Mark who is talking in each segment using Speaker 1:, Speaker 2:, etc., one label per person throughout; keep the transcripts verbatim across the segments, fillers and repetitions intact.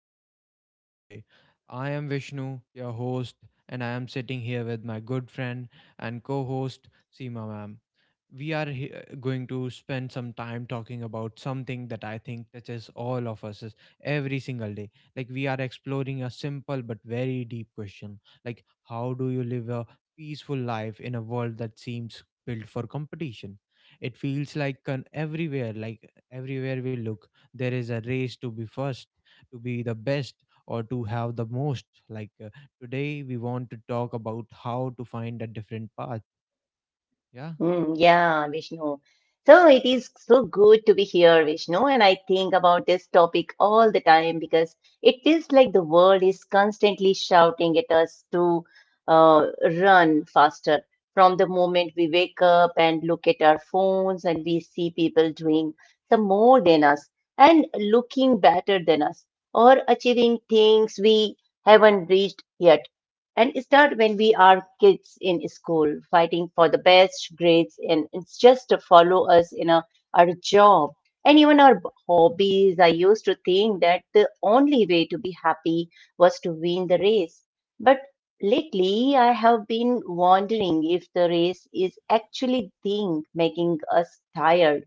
Speaker 1: conversation today. I am Vishnu, your host, and I am sitting here with my good friend and co host, Seema ma'am. We are he- going to spend some time talking about something that I think touches all of us is every single day. Like, we are exploring a simple but very deep question, like how do you live a peaceful life in a world that seems built for competition? It feels like con- everywhere, like everywhere we look there is a race to be first, to be the best, or to have the most, like uh, today we want to talk about how to find a different path. Yeah.
Speaker 2: Mm, yeah, Vishnu. So it is so good to be here, Vishnu. And I think about this topic all the time because it feels like the world is constantly shouting at us to uh, run faster. From the moment we wake up and look at our phones, and we see people doing some more than us and looking better than us or achieving things we haven't reached yet and start when we are kids in school fighting for the best grades and it's just to follow us in a, our job and even our hobbies. I used to think that the only way to be happy was to win the race, but lately I have been wondering if the race is actually thing making us tired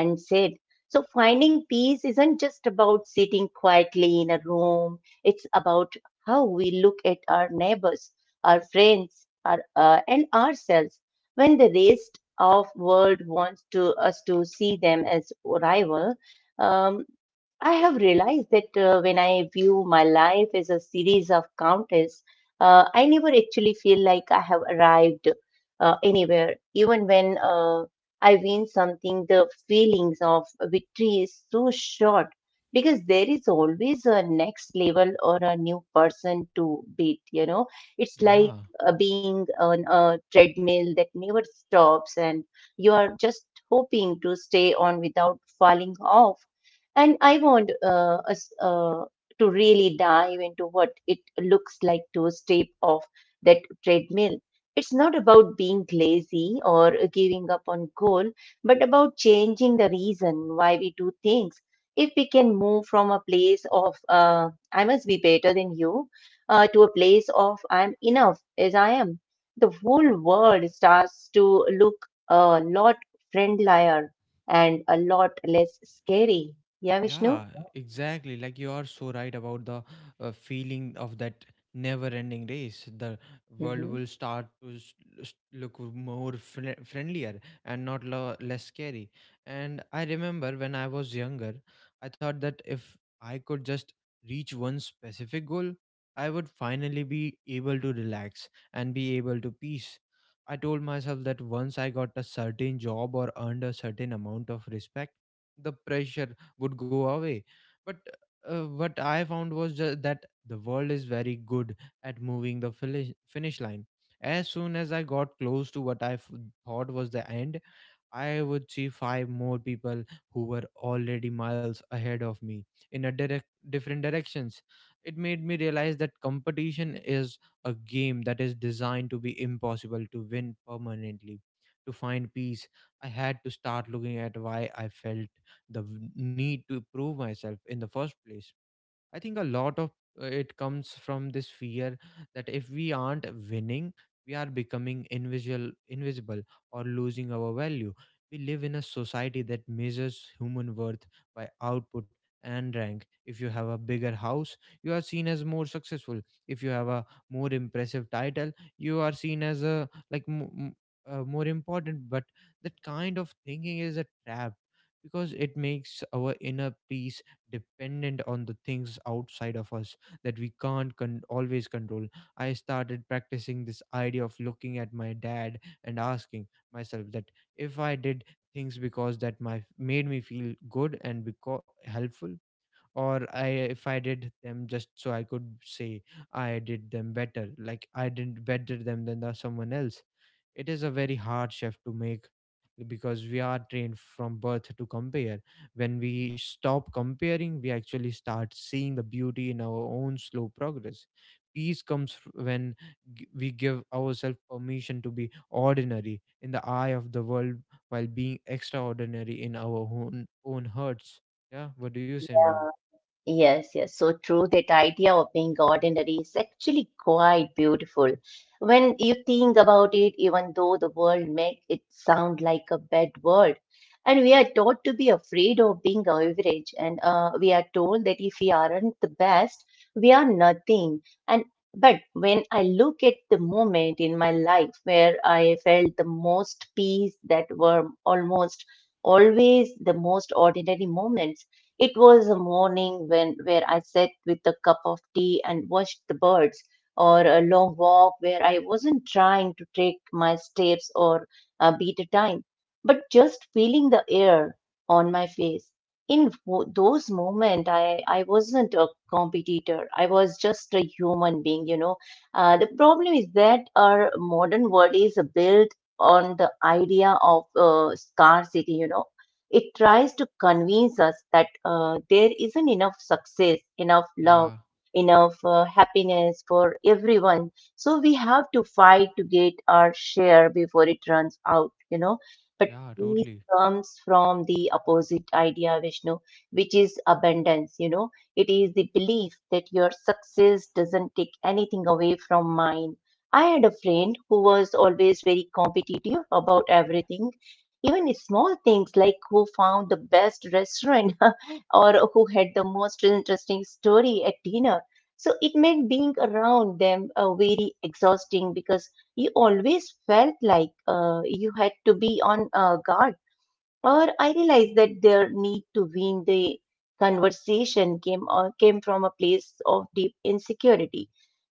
Speaker 2: and sad. So finding peace isn't just about sitting quietly in a room. It's about how we look at our neighbors, our friends, our, uh, and ourselves. When the rest of world wants to us to see them as rival, um, I have realized that uh, when I view my life as a series of counters, uh, I never actually feel like I have arrived uh, anywhere. Even when uh, I win something, the feelings of victory is so short because there is always a next level or a new person to beat. You know, it's like
Speaker 1: Yeah.
Speaker 2: uh, being on a treadmill that never stops and you are just hoping to stay on without falling off. And I want uh, us uh, to really dive into what it looks like to step off that treadmill. It's not about being lazy or giving up on goal, but about changing the reason why we do things. If we can move from a place of uh, I must be better than you uh, to a place of I'm enough as I am, the whole world starts to look a lot friendlier and a lot less scary. Yeah,
Speaker 1: Yeah,
Speaker 2: Vishnu?
Speaker 1: exactly. Like you are so right about the uh, feeling of that never ending race. The world
Speaker 2: Hmm.
Speaker 1: will start to s- s- look more fri- friendlier and not lo- less scary. And I remember when I was younger, I thought that if I could just reach one specific goal, I would finally be able to relax and be able to peace. I told myself that once I got a certain job or earned a certain amount of respect, the pressure would go away. But uh, what I found was ju- that the world is very good at moving the fili- finish line. As soon as I got close to what I f- thought was the end, I would see five more people who were already miles ahead of me in a direct different directions. It made me realize that competition is a game that is designed to be impossible to win permanently. To find peace, I had to start looking at why I felt the v- need to prove myself in the first place. I think a lot of uh, it comes from this fear that if we aren't winning, we are becoming invisible, invisible or losing our value. We live in a society that measures human worth by output and rank. If you have a bigger house, you are seen as more successful. If you have a more impressive title, you are seen as a like m- m- uh, more important. But that kind of thinking is a trap because it makes our inner peace dependent on the things outside of us that we can't con- always control. I started practicing this idea of looking at my dad and asking myself that if I did things because that my made me feel good and because helpful, or I if I did them just so I could say I did them better, like I didn't better them than the, someone else. It is a very hard shift to make because we are trained from birth to compare. When we stop comparing, we actually start seeing the beauty in our own slow progress. Peace comes f- when g- we give ourselves permission to be ordinary in the eye of the world while being extraordinary in our own own hearts. Yeah, what do you say, ma'am?
Speaker 2: Yeah. Yes, yes. So true. That idea of being ordinary is actually quite beautiful. When you think about it, even though the world makes it sound like a bad word, and we are taught to be afraid of being average, and uh, we are told that if we aren't the best, we are nothing. And but when I look at the moment in my life where I felt the most peace, that were almost always the most ordinary moments. It was a morning when where I sat with a cup of tea and watched the birds or a long walk where I wasn't trying to take my steps or uh, beat a time, but just feeling the air on my face. In wo- those moments, I, I wasn't a competitor. I was just a human being, you know. Uh, the problem is that our modern world is built on the idea of uh, scarcity, you know. It tries to convince us that uh, there isn't enough success, enough love,
Speaker 1: Yeah,
Speaker 2: enough uh, happiness for everyone. So we have to fight to get our share before it runs out, you know. But
Speaker 1: yeah,
Speaker 2: peace
Speaker 1: totally.
Speaker 2: comes from the opposite idea, Vishnu, which is abundance, you know. It is the belief that your success doesn't take anything away from mine. I had a friend who was always very competitive about everything, even small things like who found the best restaurant or who had the most interesting story at dinner. So it made being around them uh, very exhausting because you always felt like uh, you had to be on uh, guard. Or I realized that their need to win the conversation came or came from a place of deep insecurity,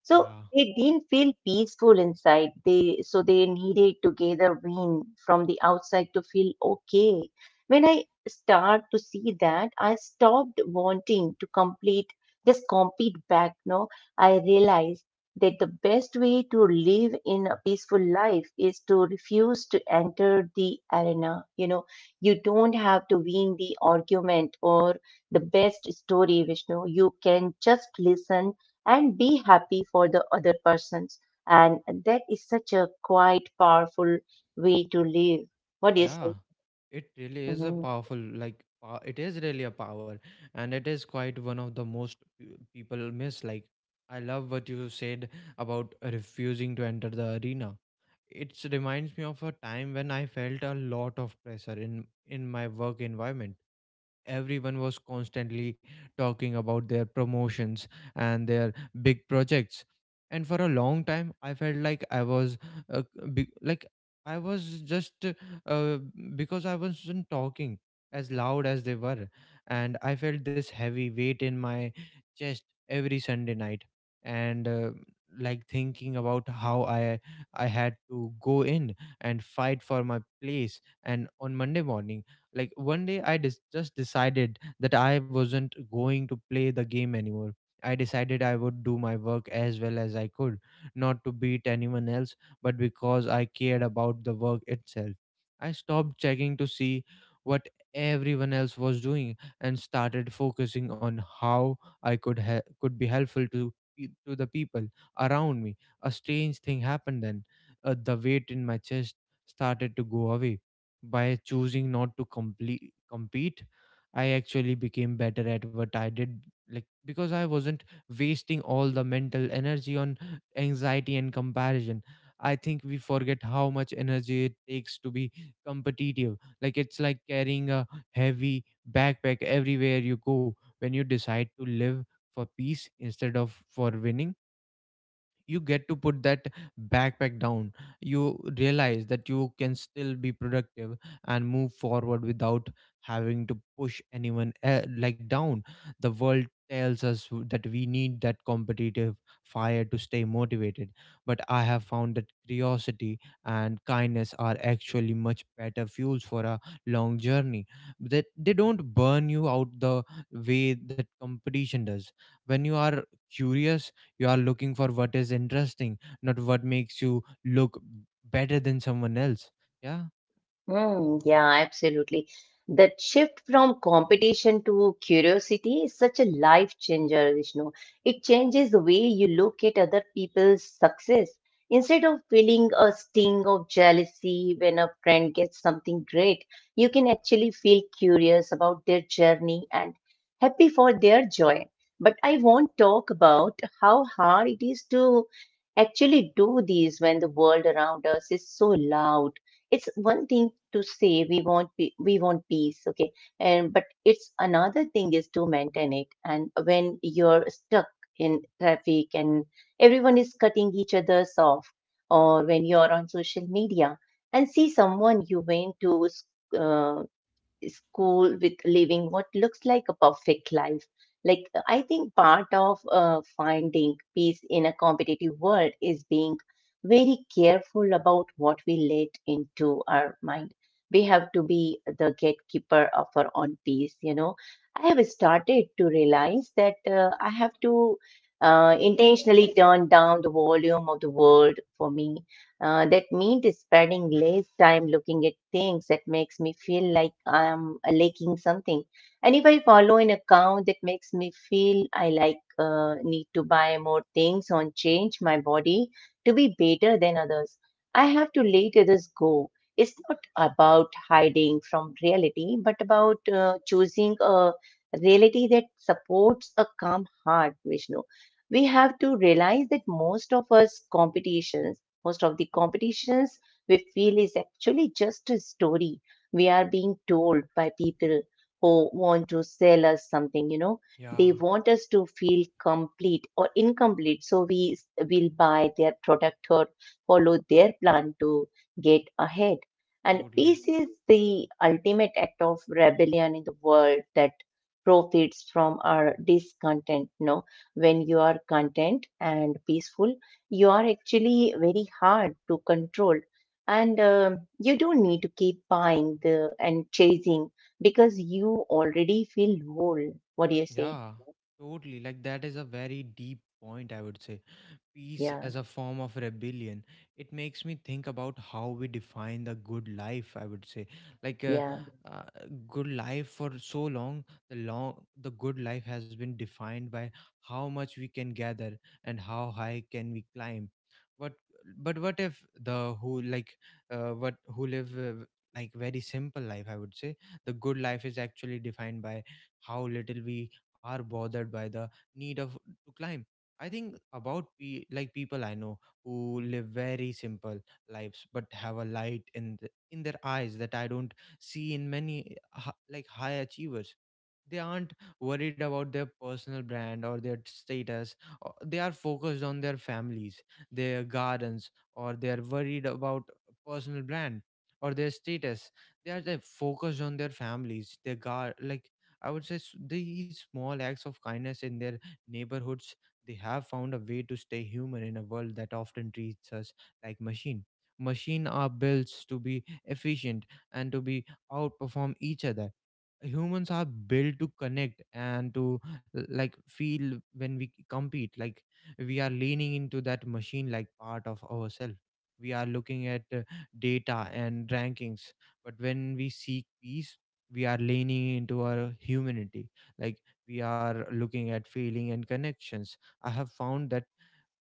Speaker 2: so
Speaker 1: Yeah.
Speaker 2: they didn't feel peaceful inside. They so they needed to gather wind from the outside to feel okay. When I start to see that, I stopped wanting to complete just compete back. No, I realized that the best way to live in a peaceful life is to refuse to enter the arena. You know, you don't have to win the argument or the best story, Vishnu. You can just listen and be happy for the other persons. And that is such a quite powerful way to live. What do you
Speaker 1: Yeah,
Speaker 2: say?
Speaker 1: it really is a
Speaker 2: Mhm.
Speaker 1: powerful, like, pow- it is really a power, and it is quite one of the most uh, people miss. Like, I love what you said about refusing to enter the arena. It reminds me of a time when I felt a lot of pressure in in my work environment. Everyone was constantly talking about their promotions and their big projects, and for a long time I felt like I was uh, be- like I was just uh, because I wasn't talking as loud as they were. And I felt this heavy weight in my chest every Sunday night, and uh, like thinking about how i i had to go in and fight for my place. And on Monday morning, like one day i dis- just decided that I wasn't going to play the game anymore. I decided I would do my work as well as I could, not to beat anyone else, but because I cared about the work itself. I stopped checking to see what everyone else was doing, and started focusing on how i could he- could be helpful to pe- to the people around me. A strange thing happened then. Uh, the weight in my chest started to go away. By choosing not to complete compete, I actually became better at what I did, like because I wasn't wasting all the mental energy on anxiety and comparison. I think we forget how much energy it takes to be competitive. Like it's like carrying a heavy backpack everywhere you go. When you decide to live for peace instead of for winning, you get to put that backpack down. You realize that you can still be productive and move forward without having to push anyone uh, like down. The world tells us w- that we need that competitive fire to stay motivated, but I have found that curiosity and kindness are actually much better fuels for a long journey, that they don't burn you out the way that competition does. When you are curious, you are looking for what is interesting, not what makes you look better than someone else. Yeah.
Speaker 2: Mm, yeah, absolutely. That shift from competition to curiosity is such a life changer, Vishnu. It changes the way you look at other people's success. Instead of feeling a sting of jealousy when a friend gets something great, you can actually feel curious about their journey, happy for their joy. But I won't talk about how hard it is to actually do these when the world around us is so loud. It's one thing to say we want pe- we want peace, okay, and but it's another thing is to maintain it. And when you're stuck in traffic and everyone is cutting each other's off, or when you're on social media and see someone you went to uh, school with living what looks like a perfect life. Like, I think part of uh, finding peace in a competitive world is being very careful about what we let into our mind. We have to be the gatekeeper of our own peace, you know. I have started to realize that uh, I have to uh, intentionally turn down the volume of the world for me. Uh, that means spending less time looking at things that makes me feel like I am lacking something. And if I follow an account that makes me feel I like uh, need to buy more things or change my body to be better than others, I have to let others go. It's not about hiding from reality, but about uh, choosing a reality that supports a calm heart, Vishnu. We have to realize that most of us competitions most of the competitions we feel is actually just a story we are being told by people who want to sell us something, you know.
Speaker 1: Yeah,
Speaker 2: They want us to feel complete or incomplete so we s- will buy their product or follow their plan to get ahead. And
Speaker 1: totally.
Speaker 2: peace is the ultimate act of rebellion in the world that profits from our discontent. No, when you are content and peaceful, you are actually very hard to control. And um, you don't need to keep buying the and chasing because you already feel whole. What do you say?
Speaker 1: Yeah, totally. Like that is a very deep point, I would say. Peace
Speaker 2: Yeah.
Speaker 1: as a form of rebellion. It makes me think about how we define the good life, I would say. like uh,
Speaker 2: Yeah.
Speaker 1: uh, Good life for so long, the long the good life has been defined by how much we can gather and how high can we climb. What but what if the who like uh, what who live uh, like very simple life, I would say, the good life is actually defined by how little we are bothered by the need of to climb. I think about pe- like people I know who live very simple lives but have a light in the, in their eyes that I don't see in many uh, hi- like high achievers. They aren't worried about their personal brand or their status, or they are focused on their families, their gardens, or they are worried about personal brand or their status. They are, like, focused on their families, their gar like I would say s- these small acts of kindness in their neighborhoods. They have found a way to stay human in a world that often treats us like machine. Machine are built to be efficient and to be outperform each other. Humans are built to connect and to l- like feel. When we compete, like we are leaning into that machine like part of ourselves. We are looking at uh, data and rankings, but when we seek peace, we are leaning into our humanity. Like we are looking at feeling and connections. I have found that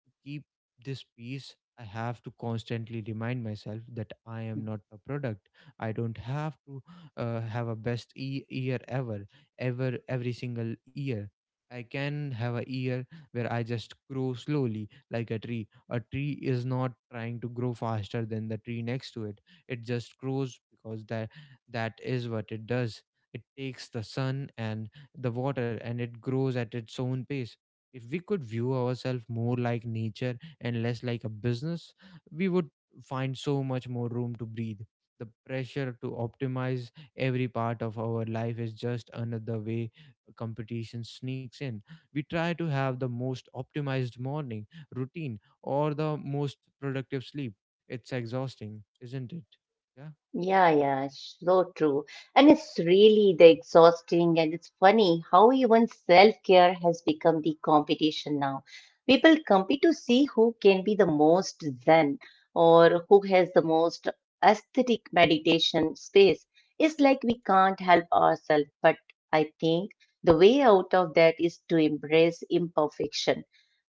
Speaker 1: to keep this peace, I have to constantly remind myself that I am not a product. I don't have to uh, have a best e- year ever, ever, every single year. I can have a year where I just grow slowly like a tree. A tree is not trying to grow faster than the tree next to it. It just grows because that that is what it does. It takes the sun and the water, and it grows at its own pace. If we could view ourselves more like nature and less like a business, we would find so much more room to breathe. The pressure to optimize every part of our life is just another way competition sneaks in. We try to have the most optimized morning routine or the most productive sleep. It's exhausting, isn't it? Yeah.
Speaker 2: Yeah, yeah, so true. And it's really the exhausting and it's funny how even self-care has become the competition now. People compete to see who can be the most zen or who has the most aesthetic meditation space. It's like we can't help ourselves, but I think the way out of that is to embrace imperfection.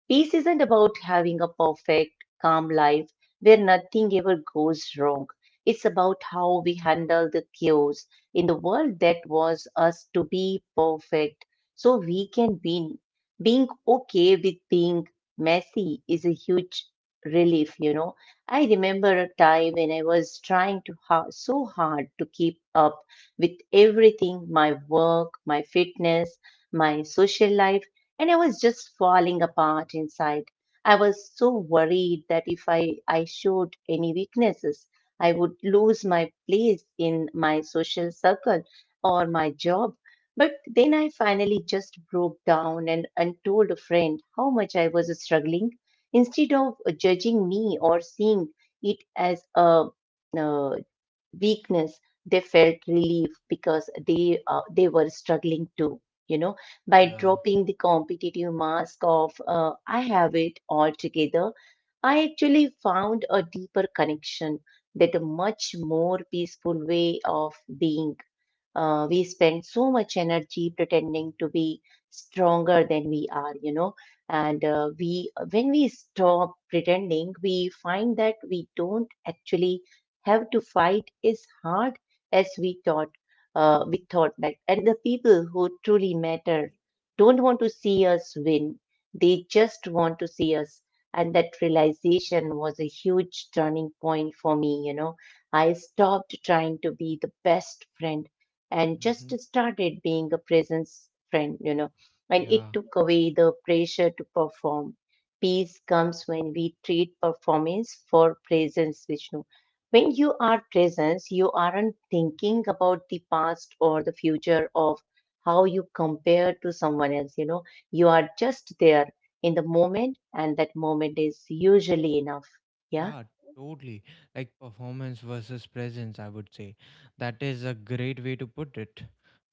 Speaker 2: Peace isn't about having a perfect, calm life where nothing ever goes wrong. It's about how we handle the chaos in the world that was us to be perfect so we can win. Being okay with being messy is a huge relief, you know. I remember a time when I was trying to ha- so hard to keep up with everything my work, my fitness, my social life and I was just falling apart inside. I was so worried that if I, I showed any weaknesses, I would lose my place in my social circle or my job. But then I finally just broke down and, and told a friend how much I was struggling. Instead of judging me or seeing it as a, uh, weakness, they felt relief because they uh, they were struggling too, you know. By
Speaker 1: Yeah.
Speaker 2: dropping the competitive mask of uh, I have it all together, I actually found a deeper connection, that a much more peaceful way of being. Uh, we spend so much energy pretending to be stronger than we are, you know. And uh, we when we stop pretending we find that we don't actually have to fight is hard as we thought. Uh, we thought that and the people who truly matter don't want to see us win, they just want to see us. And that realization was a huge turning point for me, you know. I stopped trying to be the best friend and
Speaker 1: Mm-hmm.
Speaker 2: just started being a presence friend, you know. And
Speaker 1: Yeah.
Speaker 2: it took away the pressure to perform. Peace comes when we treat performance for presence, Vishnu. When you are present, you aren't thinking about the past or the future of how you compare to someone else. You know, you are just there in the moment, and that moment is usually enough. Yeah.
Speaker 1: Yeah, totally. Like performance versus presence, I would say. That is a great way to put it.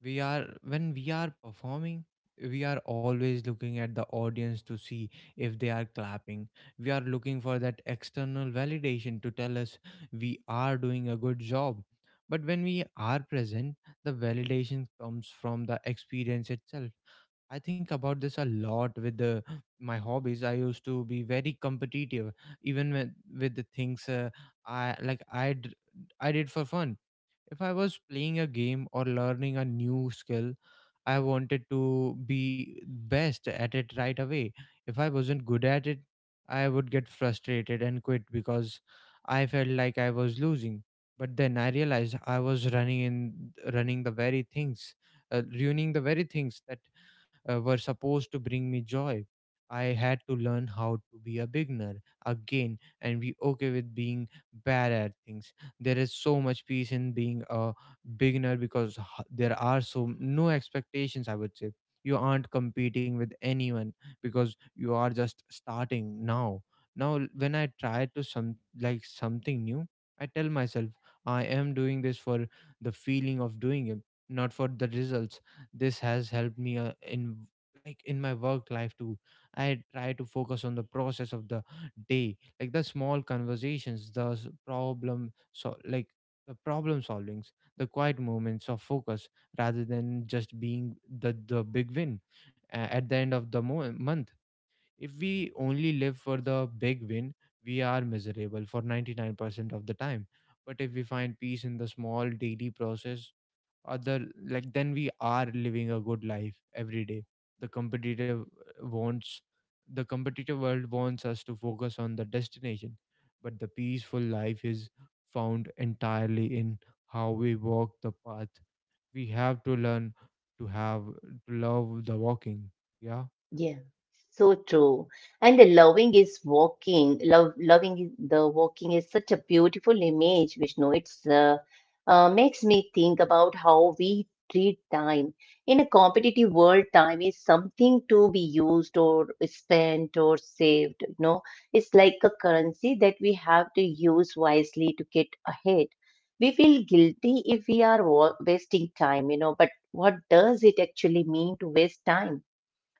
Speaker 1: We are, when we are performing, we are always looking at the audience to see if they are clapping. We are looking for that external validation to tell us we are doing a good job. But when we are present, the validation comes from the experience itself. I think about this a lot with the, my hobbies. I used to be very competitive even with, with the things uh, I like I d- I did for fun. If I was playing a game or learning a new skill, I wanted to be best at it right away. If I wasn't good at it, I would get frustrated and quit because I felt like I was losing. But then I realized I was running in running the very things, uh, ruining the very things that uh, were supposed to bring me joy. I had to learn how to be a beginner again and be okay with being bad at things. There is so much peace in being a beginner because h- there are so no expectations, I would say. You aren't competing with anyone because you are just starting now. Now l- when I try to some like something new, I tell myself I am doing this for the feeling of doing it, not for the results. This has helped me uh, in like in my work life too. I try to focus on the process of the day, like the small conversations, the s- problem so like the problem solvings, the quiet moments of focus, rather than just being the, the big win uh, at the end of the mo- month. If we only live for the big win, we are miserable for ninety-nine percent of the time. But if we find peace in the small daily process, other like then we are living a good life every day. The competitive uh, wants the competitive world wants us to focus on the destination, but the peaceful life is found entirely in how we walk the path. We have to learn to have to love the walking. Yeah.
Speaker 2: Yeah. So true. And the loving is walking. Love, loving is- the walking is such a beautiful image, Vishnu. It's uh, uh, makes me think about how we treat time. In a competitive world, time is something to be used or spent or saved. You know, it's like a currency that we have to use wisely to get ahead. We feel guilty if we are wa- wasting time, you know, but what does it actually mean to waste time?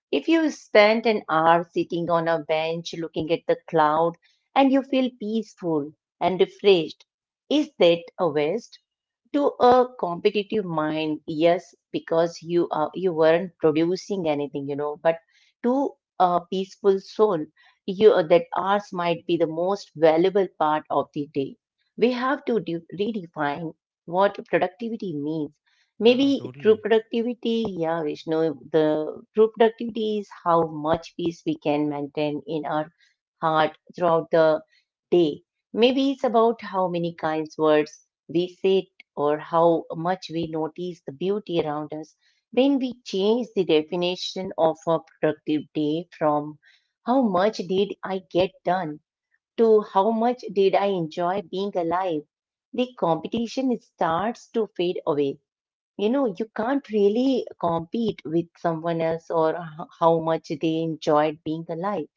Speaker 2: If you spend an hour sitting on a bench looking at the cloud and you feel peaceful and refreshed, is that a waste? To a competitive mind, yes, because you are you weren't producing anything you know but to a peaceful soul, you that ours might be the most valuable part of the day. We have to de- redefine what productivity means. Maybe
Speaker 1: Yeah,
Speaker 2: true
Speaker 1: totally.
Speaker 2: productivity, yeah, Vishnu, the true productivity is how much peace we can maintain in our heart throughout the day. Maybe it's about how many kinds words we say, or how much we notice the beauty around us. When we change the definition of a productive day from how much did I get done to how much did I enjoy being alive, the competition starts to fade away. You know, you can't really compete with someone else or h- how much they enjoyed being alive.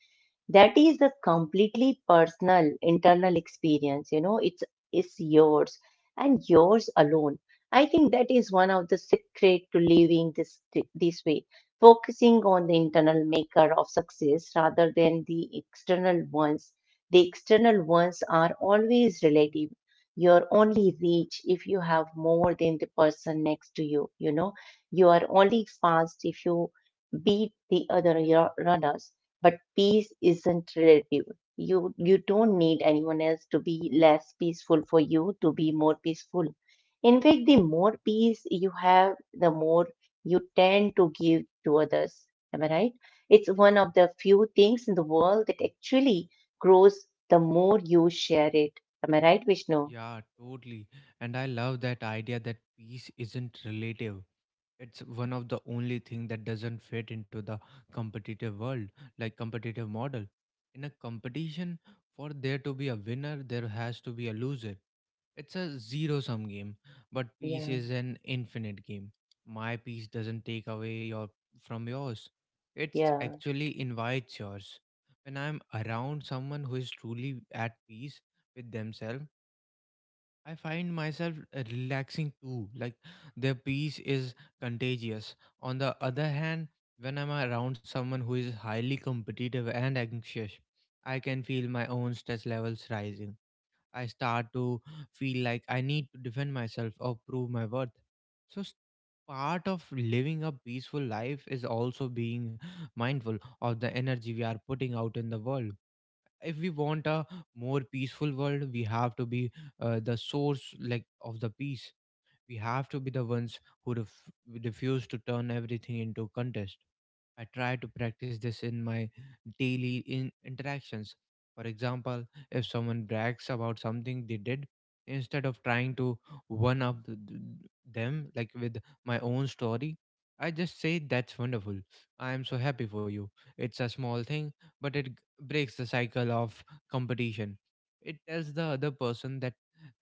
Speaker 2: That is a completely personal internal experience you know it's It's yours and yours alone. I think that is one of the secret to living this this way: focusing on the internal maker of success rather than the external ones. The external ones are always relative. You're only rich if you have more than the person next to you you know You are only fast if you beat the other ru- runners. But peace isn't relative. You you don't need anyone else to be less peaceful for you to be more peaceful. In fact, the more peace you have, the more you tend to give to others. Am I right? It's one of the few things in the world that actually grows the more you share it. Am I right, Vishnu?
Speaker 1: Yeah, totally. And I love that idea that peace isn't relative. It's one of the only thing that doesn't fit into the competitive world like competitive model. In a competition, for there to be a winner there has to be a loser. It's a zero sum game, but peace
Speaker 2: Yeah,
Speaker 1: is an infinite game. My peace doesn't take away your from yours, it's
Speaker 2: yeah.
Speaker 1: actually invites yours. When I'm around someone who is truly at peace with themselves, I find myself uh, relaxing too. Like, their peace is contagious. On the other hand, when I'm around someone who is highly competitive and anxious, I can feel my own stress levels rising. I start to feel like I need to defend myself or prove my worth. So, s- part of living a peaceful life is also being mindful of the energy we are putting out in the world. If we want a more peaceful world, we have to be uh, the source like of the peace. We have to be the ones who ref- refuse to turn everything into contest. I try to practice this in my daily in- interactions. For example, if someone brags about something they did, instead of trying to one up th- th- them like with my own story, I just say, that's wonderful, I am so happy for you. It's a small thing, but it g- breaks the cycle of competition. It tells the other person that,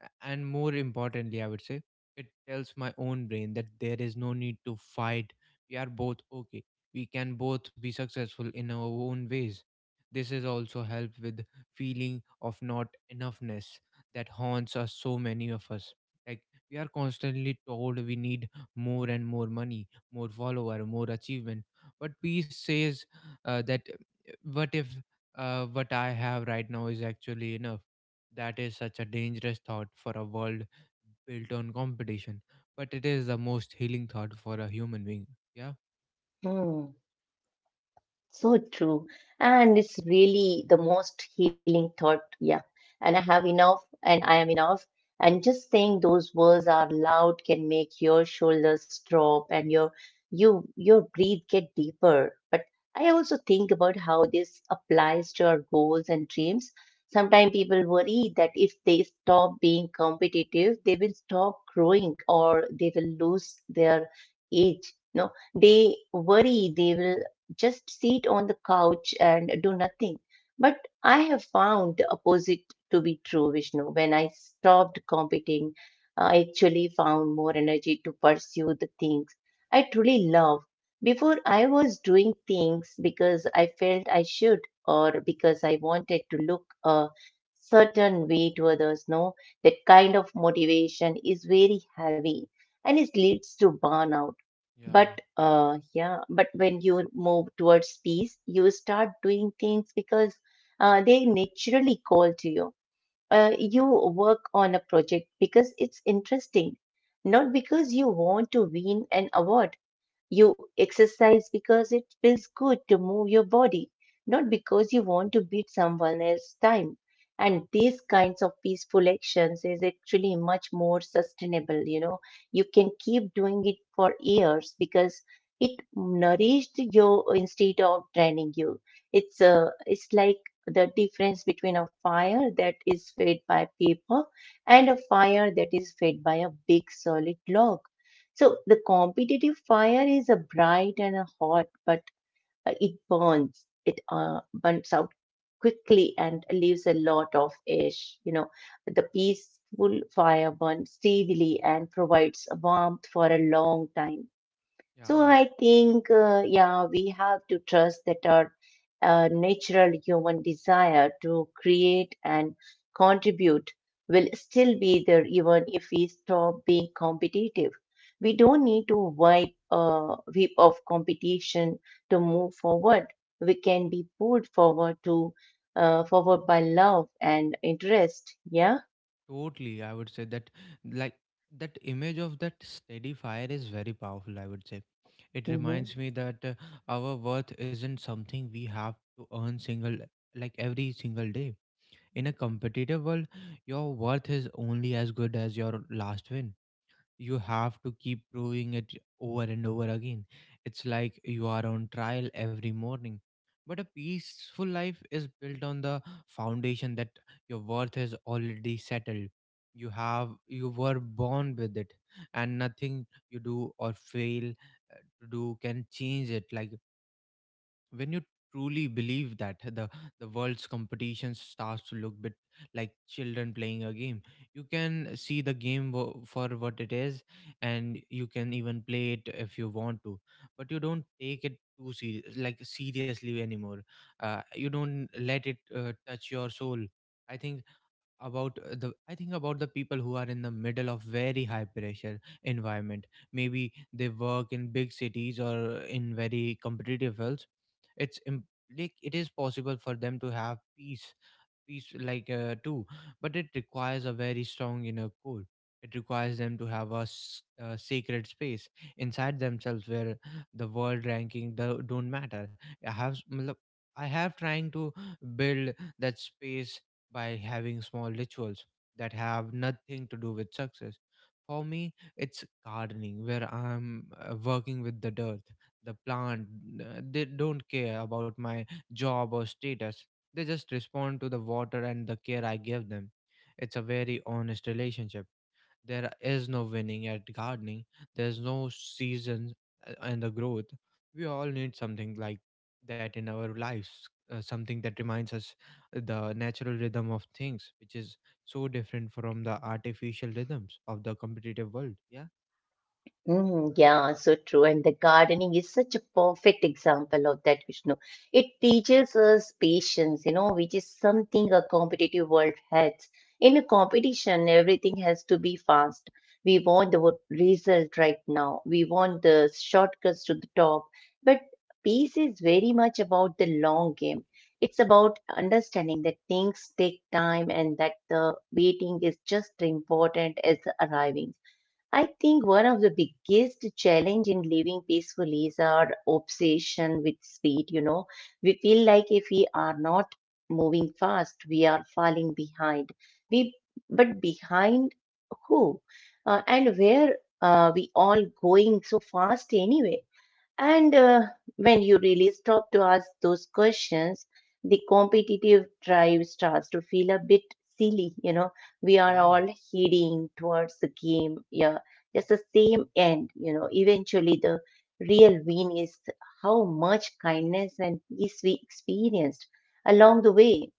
Speaker 1: a- and more importantly, I would say, it tells my own brain that there is no need to fight. We are both okay, we can both be successful in our own ways. This has also helped with feeling of not enoughness that haunts us, so many of us. Like, we are constantly told we need more and more money, more follower, more achievement. But peace says uh, that what if uh, what I have right now is actually enough? That is such a dangerous thought for a world built on competition, but it is the most healing thought for a human being.
Speaker 2: Hmm. So true. And it's really the most healing thought. Yeah. And I have enough, and I am enough. And just saying those words out loud can make your shoulders drop and your you your breathe get deeper. But I also think about how this applies to our goals and dreams. Sometimes people worry that if they stop being competitive, they will stop growing or they will lose their edge. No, they worry they will just sit on the couch and do nothing. But I have found the opposite to be true, Vishnu. When I stopped competing, I actually found more energy to pursue the things I truly love. Before, I was doing things because I felt I should, or because I wanted to look a certain way to others. No, that kind of motivation is very heavy and it leads to burnout. But
Speaker 1: Yeah.
Speaker 2: uh yeah but when you move towards peace, you start doing things because uh, they naturally call to you. Uh, you work on a project because it's interesting, not because you want to win an award. You exercise because it feels good to move your body, not because you want to beat someone else's time. And these kinds of peaceful actions is actually much more sustainable, you know. You can keep doing it for years because it nourished you instead of draining you. It's uh, it's like the difference between a fire that is fed by paper and a fire that is fed by a big solid log. So the competitive fire is a bright and a hot, but uh, it burns. It uh, burns out quickly and leaves a lot of ash. You know, the peaceful fire burns steadily and provides a warmth for a long time. So
Speaker 1: Yeah,
Speaker 2: I think, uh, yeah, we have to trust that our uh, natural human desire to create and contribute will still be there even if we stop being competitive. We don't need to wipe uh, whip off competition to move forward. We can be pulled forward to uh, forward by love and interest. Yeah.
Speaker 1: totally. I would say that, like, that image of that steady fire is very powerful. I would say it reminds me that uh, our worth isn't something we have to earn single, like, every single day. In a competitive world, your worth is only as good as your last win. You have to keep proving it over and over again. It's like you are on trial every morning. But a peaceful life is built on the foundation that your worth is already settled. You have you were born with it, and nothing you do or fail uh, to do can change it. Like, when you truly believe that, the the world's competition starts to look bit like children playing a game. You can see the game wo- for what it is, and you can even play it if you want to, but you don't take it too serious like seriously anymore. Uh, you don't let it uh, touch your soul. i think about uh, the I think about the people who are in the middle of very high pressure environment. Maybe they work in big cities or in very competitive fields. It's im- like It is possible for them to have peace, piece like uh, too, but it requires a very strong inner core. It requires them to have a, s- a sacred space inside themselves where the world ranking do- don't matter. i have s- matlab, I have trying to build that space by having small rituals that have nothing to do with success. For me, it's gardening, where I'm uh, working with the dirt. The plant, uh, they don't care about my job or status. They just respond to the water and the care I give them. It's a very honest relationship. There is no winning at gardening, there's no season uh, and the growth. We all need something like that in our lives, uh, something that reminds us uh, the natural rhythm of things, which is so different from the artificial rhythms of the competitive world. Yeah.
Speaker 2: Mm, yeah, so true. And the gardening is such a perfect example of that, Vishnu. It teaches us patience, you know, which is something a competitive world has. In a competition, everything has to be fast. We want the wo- result right now. We want the shortcuts to the top. But peace is very much about the long game. It's about understanding that things take time and that the waiting is just as important as the arriving. I think one of the biggest challenge in living peacefully is our obsession with speed. You know, we feel like if we are not moving fast, we are falling behind. We, but behind who, uh, and where uh, we all going so fast anyway? And uh, when you really stop to ask those questions, the competitive drive starts to feel a bit silly. You know, we are
Speaker 1: Yeah,
Speaker 2: all heading towards the game. Yeah, just the same end. You know, eventually the real win is how much kindness and peace we experienced along the way.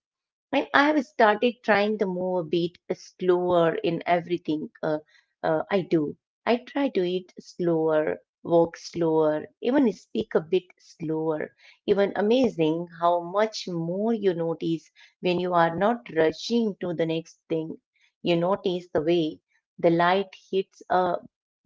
Speaker 2: And I have started trying to move a bit slower in everything uh, uh, I do. I try to eat slower, walk slower, even speak a bit slower. Even amazing how much more you notice when you are not rushing to the next thing. You notice the way the light hits a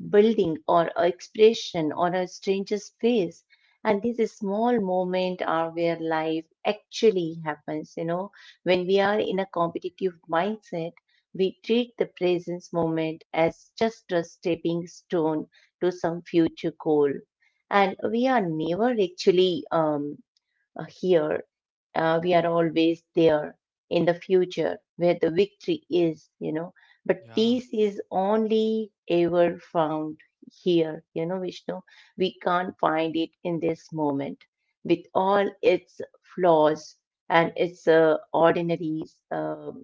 Speaker 2: building or a expression or a stranger's face. And these small moments are where life actually happens, you know When we are in a competitive mindset, we treat the present moment as just a stepping stone to some future goal. And we are never actually um, uh, here. Uh, we are always there in the future where the victory is, you know. But
Speaker 1: yeah.
Speaker 2: peace is only ever found here, you know, Vishnu. We can't find it in this moment with all its flaws and its uh, ordinary, uh,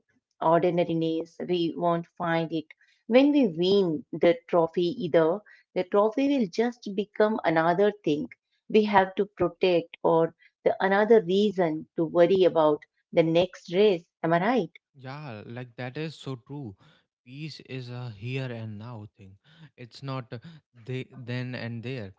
Speaker 2: ordinariness. We won't find it. When we win the trophy, either the trophy will just become another thing we have to protect, or the another reason to worry about the next race. Am I right?
Speaker 1: Yeah, like that is so true. Peace is a here and now thing. It's not uh, they then and there.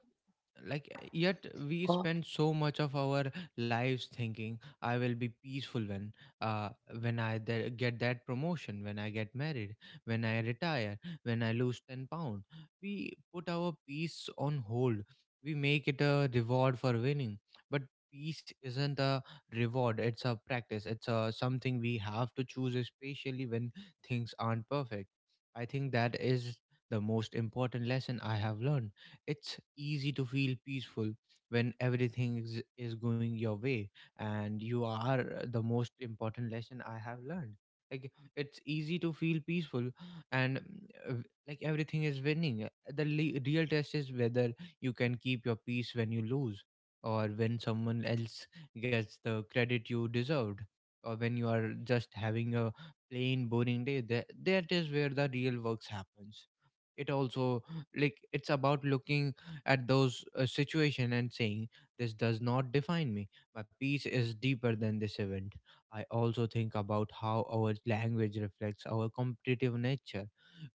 Speaker 1: Like, yet we
Speaker 2: God.
Speaker 1: spend so much of our lives thinking, I will be peaceful when uh when i th- get that promotion, when I get married, when I retire, when I lose ten pound. We put our peace on hold, we make it a reward for winning. But peace isn't a reward, it's a practice, it's a something we have to choose, especially when things aren't perfect. I think that is the most important lesson I have learned. It's easy to feel peaceful when everything is, is going your way, and you are the most important lesson I have learned. Like, it's easy to feel peaceful, and uh, like everything is winning. The le- real test is whether you can keep your peace when you lose, or when someone else gets the credit you deserved, or when you are just having a plain boring day. That that is where the real works happens. It also, like, it's about looking at those uh, situation and saying, this does not define me, my peace is deeper than this event. I also think about how our language reflects our competitive nature.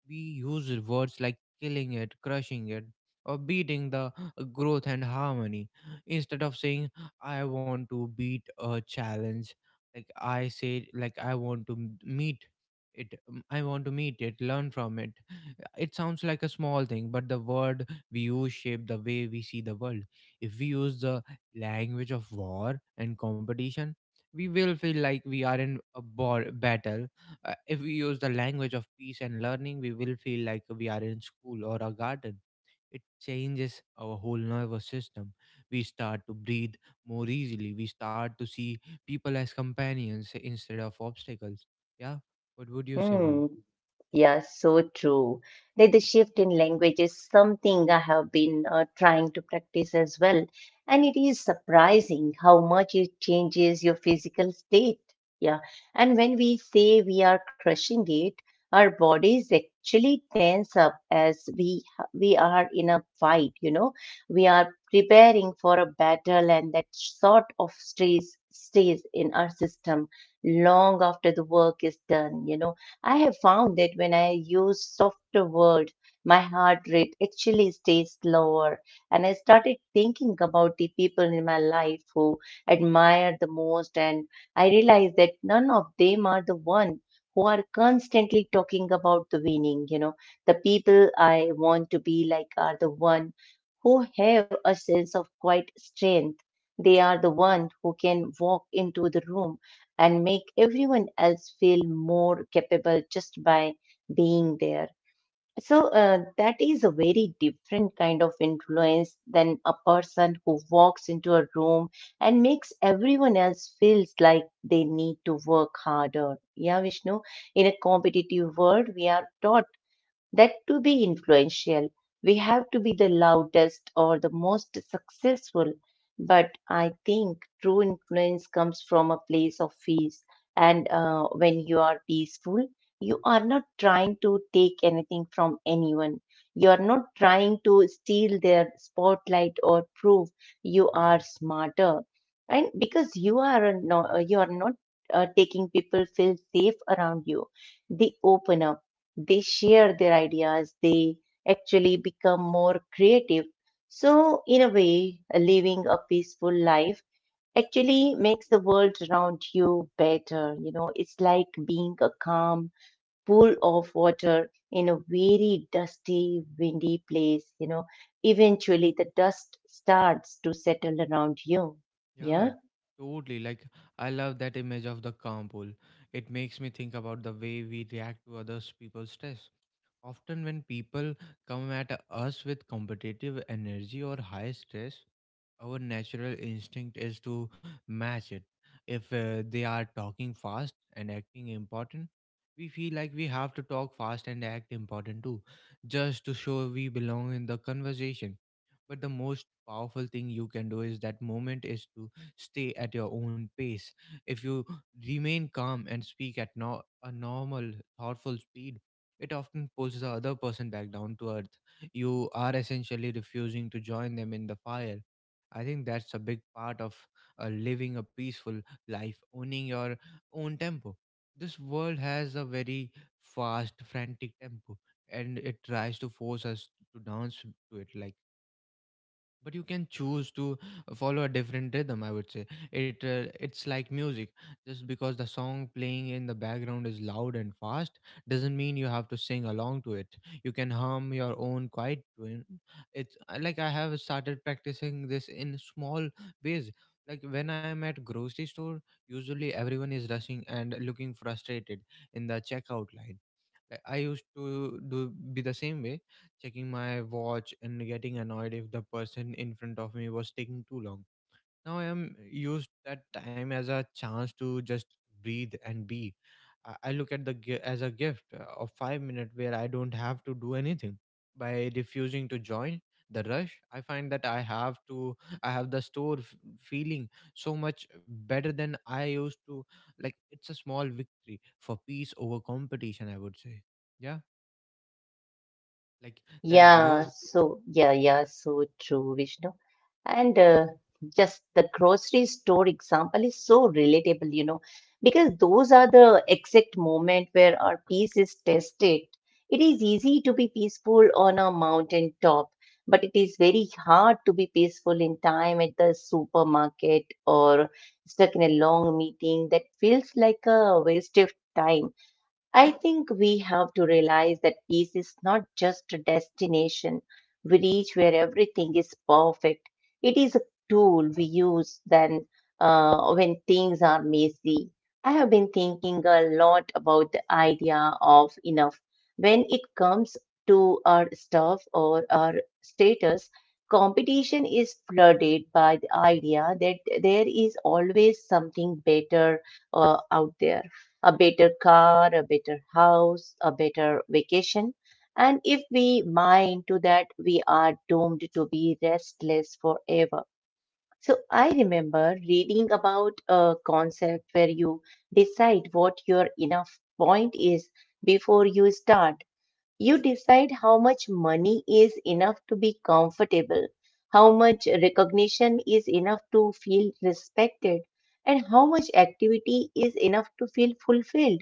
Speaker 1: We use words like killing it, crushing it, or beating the uh, growth and harmony. Instead of saying, I want to beat a challenge, like, I say, like, I want to m- meet it, um, I want to meet it, learn from it. It sounds like a small thing, but the word we use shape the way we see the world. If we use the language of war and competition, we will feel like we are in a ball, battle. Uh, if we use the language of peace and learning, we will feel like we are in school or a garden. It changes our whole nervous system. We start to breathe more easily, we start to see people as companions instead of obstacles. Yeah. What would you say,
Speaker 2: Hmm.
Speaker 1: ma'am?
Speaker 2: Yeah, so true. Like the shift in language is something I have been uh, trying to practice as well. And it is surprising how much it changes your physical state. Yeah. And when we say we are crushing it, our bodies actually tense up as we we are in a fight, you know. We are preparing for a battle and that sort of stress stays in our system long after the work is done, you know. I have found that when I use softer word, my heart rate actually stays lower. And I started thinking about the people in my life who admire the most, and I realized that none of them are the one who are constantly talking about the winning. You know, the people I want to be like are the one who have a sense of quiet strength. They are the one who can walk into the room and make everyone else feel more capable just by being there. So, uh, that is a very different kind of influence than a person who walks into a room and makes everyone else feels like they need to work harder. Yeah, Vishnu, in a competitive world, we are taught that to be influential, we have to be the loudest or the most successful. But I think true influence comes from a place of peace. And uh, when you are peaceful, you are not trying to take anything from anyone. You are not trying to steal their spotlight or prove you are smarter. And because you are no, you are not uh, taking, people feel safe around you. They open up, they share their ideas, they actually become more creative. So, in a way, living a peaceful life actually makes the world around you better. You know, it's like being a calm pool of water in a very dusty, windy place. You know, eventually the dust starts to settle around you.
Speaker 1: Yeah,
Speaker 2: Yeah.
Speaker 1: totally. Like, I love that image of the calm pool. It makes me think about the way we react to others people's stress. Often, when people come at us with competitive energy or high stress, our natural instinct is to match it. If uh, they are talking fast and acting important, we feel like we have to talk fast and act important too, just to show we belong in the conversation. But the most powerful thing you can do is that moment is to stay at your own pace. If you remain calm and speak at no- a normal, thoughtful speed, it often pulls the other person back down to earth. You are essentially refusing to join them in the fire. I think that's a big part of uh, living a peaceful life, owning your own tempo. This world has a very fast, frantic tempo, and it tries to force us to dance to it. Like, but you can choose to follow a different rhythm, I would say. It uh, it's like music. Just because the song playing in the background is loud and fast doesn't mean you have to sing along to it. You can hum your own quiet tune. It's uh, like I have started practicing this in small ways. Like, when I am at grocery store, usually everyone is rushing and looking frustrated in the checkout line. Like, I used to do be the same way, checking my watch and getting annoyed if the person in front of me was taking too long. Now I am used that time as a chance to just breathe and be. I I look at the gi- as a gift uh, of five minutes where I don't have to do anything. By refusing to join the rush, I find that i have to i have the store f- feeling so much better than I used to. Like, it's a small victory for peace over competition, I would say. Yeah. Like, that
Speaker 2: Yeah,
Speaker 1: growth.
Speaker 2: so yeah, yeah, so true, Vishnu. And uh, just the grocery store example is so relatable, you know, because those are the exact moment where our peace is tested. It is easy to be peaceful on a mountain top, but it is very hard to be peaceful in time at the supermarket or stuck in a long meeting that feels like a waste of time. I think we have to realize that peace is not just a destination we reach where everything is perfect. It is a tool we use then uh, when things are messy. I have been thinking a lot about the idea of enough. When it comes to our stuff or our status, competition is flooded by the idea that there is always something better uh, out there: a better car, a better house, a better vacation. And if we mine to that, we are doomed to be restless forever. So I remember reading about a concept where you decide what your enough point is before you start. You decide how much money is enough to be comfortable, how much recognition is enough to feel respected, and how much activity is enough to feel fulfilled.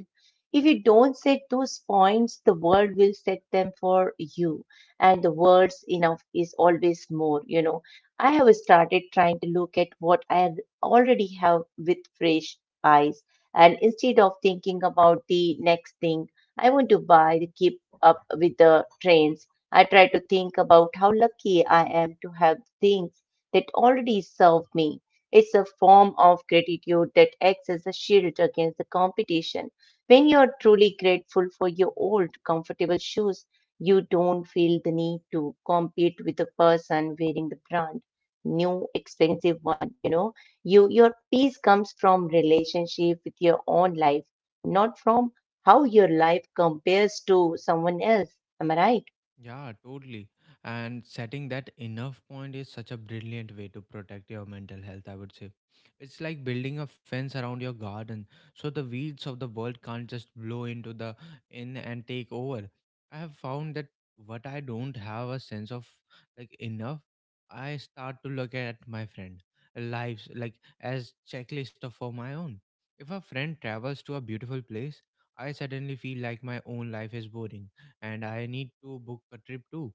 Speaker 2: If you don't set those points, the world will set them for you, and the words enough is always more. You know, I have started trying to look at what I already have with fresh eyes, and instead of thinking about the next thing I want to buy to keep up with the trends, I try to think about how lucky I am to have things that already serve me. It's a form of gratitude that acts as a shield against the competition. When you're truly grateful for your old, comfortable shoes, you don't feel the need to compete with the person wearing the brand new, expensive one. You know, you your peace comes from relationship with your own life, not from how your life compares to someone else. Am I right?
Speaker 1: Yeah, totally. And setting that enough point is such a brilliant way to protect your mental health, I would say. It's like building a fence around your garden so the weeds of the world can't just blow into the in and take over. I have found that what I don't have a sense of like enough, I start to look at my friend lives like as checklist of for my own. If a friend travels to a beautiful place, I suddenly feel like my own life is boring and I need to book a trip too.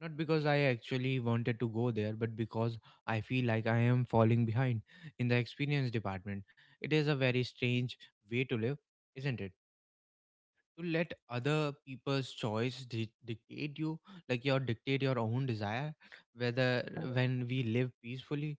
Speaker 1: Not because I actually wanted to go there, but because I feel like I am falling behind in the experience department. It is a very strange way to live, isn't it? To let other people's choice di- dictate you like your dictate your own desire whether
Speaker 2: Yeah.
Speaker 1: when we live peacefully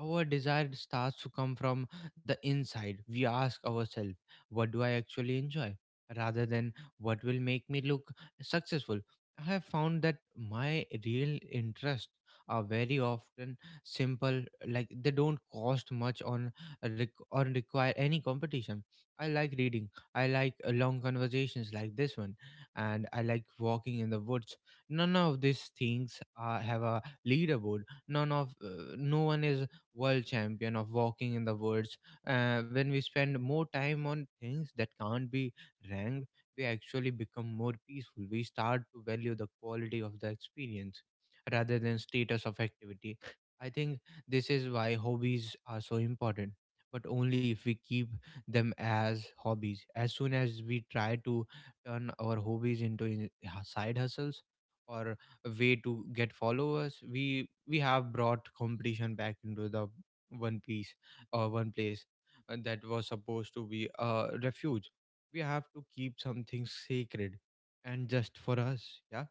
Speaker 1: our desire starts to come from the inside. We ask ourselves, what do I actually enjoy rather than what will make me look successful? I have found that my real interests are very often simple, like they don't cost much on rec- or require any competition. I like reading, I like uh, long conversations like this one, and I like walking in the woods. None of these things uh, have a leaderboard. None of uh, No one is world champion of walking in the woods. Uh, when we spend more time on things that can't be ranked, we actually become more peaceful. We start to value the quality of the experience rather than status of activity. I think this is why hobbies are so important, but only if we keep them as hobbies. As soon as we try to turn our hobbies into in- h- side hustles or a way to get followers, we we have brought competition back into the one piece or one place uh, that was supposed to be a refuge. We have to keep something sacred and just for us, yeah.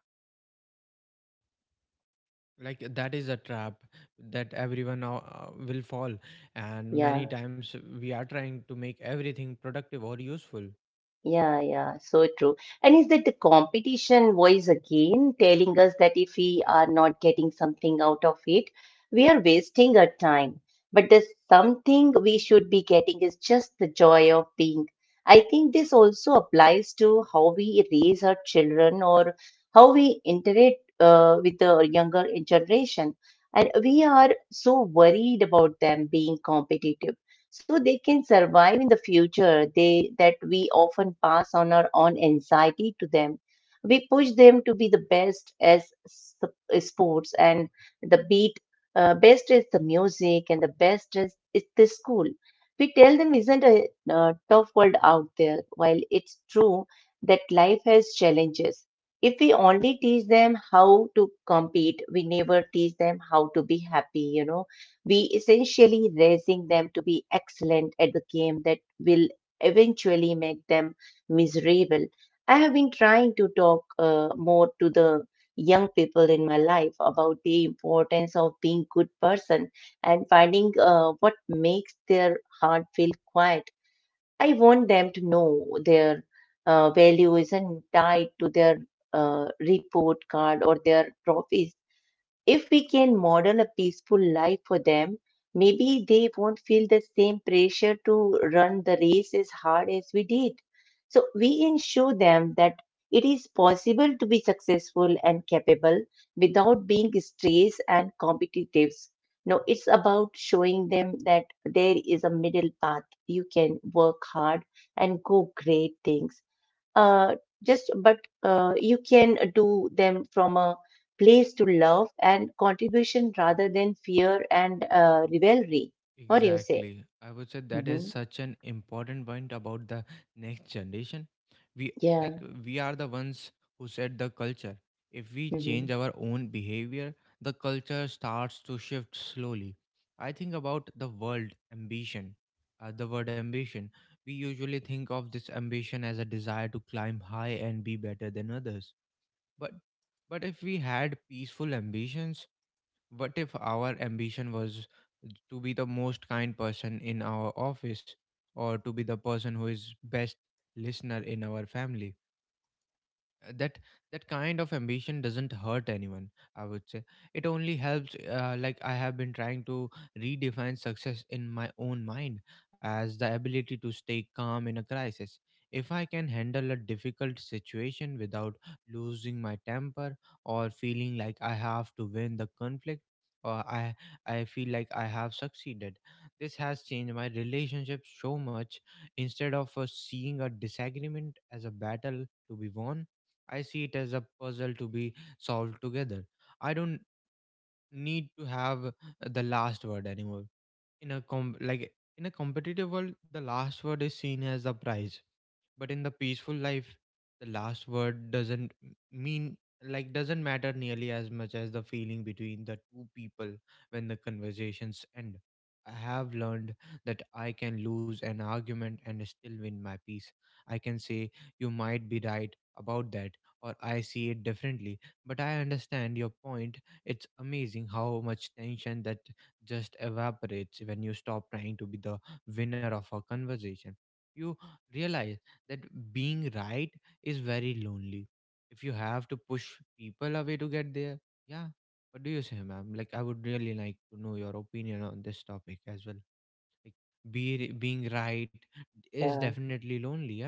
Speaker 1: Like that is a trap that everyone now uh, will fall, and
Speaker 2: Yeah,
Speaker 1: many times we are trying to make everything productive or useful.
Speaker 2: yeah, yeah, so true. And is that the competition voice again telling us that if we are not getting something out of it, we are wasting our time. But the something we should be getting is just the joy of being. I think this also applies to how we raise our children or how we interact uh, with the younger generation. And we are so worried about them being competitive, so they can survive in the future they that we often pass on our own anxiety to them. We push them to be the best as s- sports, and the beat uh, best is the music, and the best is, is the school. We tell them isn't a uh, tough world out there, while it's true that life has challenges. If we only teach them how to compete, we never teach them how to be happy, you know. We essentially raising them to be excellent at the game that will eventually make them miserable. I have been trying to talk uh, more to the young people in my life about the importance of being good person and finding uh, what makes their heart feel quiet. I want them to know their uh, value isn't tied to their uh, report card or their trophies. If we can model a peaceful life for them, maybe they won't feel the same pressure to run the race as hard as we did. So we can show them that it is possible to be successful and capable without being stressed and competitive. No, it's about showing them that there is a middle path. You can work hard and go great things uh, just but uh, you can do them from a place to love and contribution rather than fear and uh, rivalry. What do you say?
Speaker 1: Exactly. I would say that is
Speaker 2: Hmm.
Speaker 1: such an important point about the next generation. We like
Speaker 2: Yeah.
Speaker 1: we are the ones who set the culture. If we
Speaker 2: Hmm.
Speaker 1: change our own behavior, the culture starts to shift slowly. I think about the word ambition. Uh, the word ambition. We usually think of this ambition as a desire to climb high and be better than others. But but if we had peaceful ambitions, what if our ambition was to be the most kind person in our office, or to be the person who is best listener in our family? Uh, that that kind of ambition doesn't hurt anyone, I would say. It only helps, uh, like I have been trying to redefine success in my own mind as the ability to stay calm in a crisis. If I can handle a difficult situation without losing my temper or feeling like I have to win the conflict, or I I feel like I have succeeded. This has changed my relationship so much. Instead of uh, seeing a disagreement as a battle to be won, I see it as a puzzle to be solved together. I don't need to have the last word anymore. In a com- like in a competitive world, the last word is seen as the prize, but in the peaceful life, the last word doesn't m- mean like doesn't matter nearly as much as the feeling between the two people when the conversations end. I have learned that I can lose an argument and still win my peace. I can say you might be right about that, or I see it differently, but I understand your point. It's amazing how much tension that just evaporates when you stop trying to be the winner of a conversation. You realize that being right is very lonely if you have to push people away to get there. Yeah. What do you say, ma'am? Like I would really like to know your opinion on this topic as well. Like be, being right is
Speaker 2: Yeah.
Speaker 1: definitely lonely, yeah.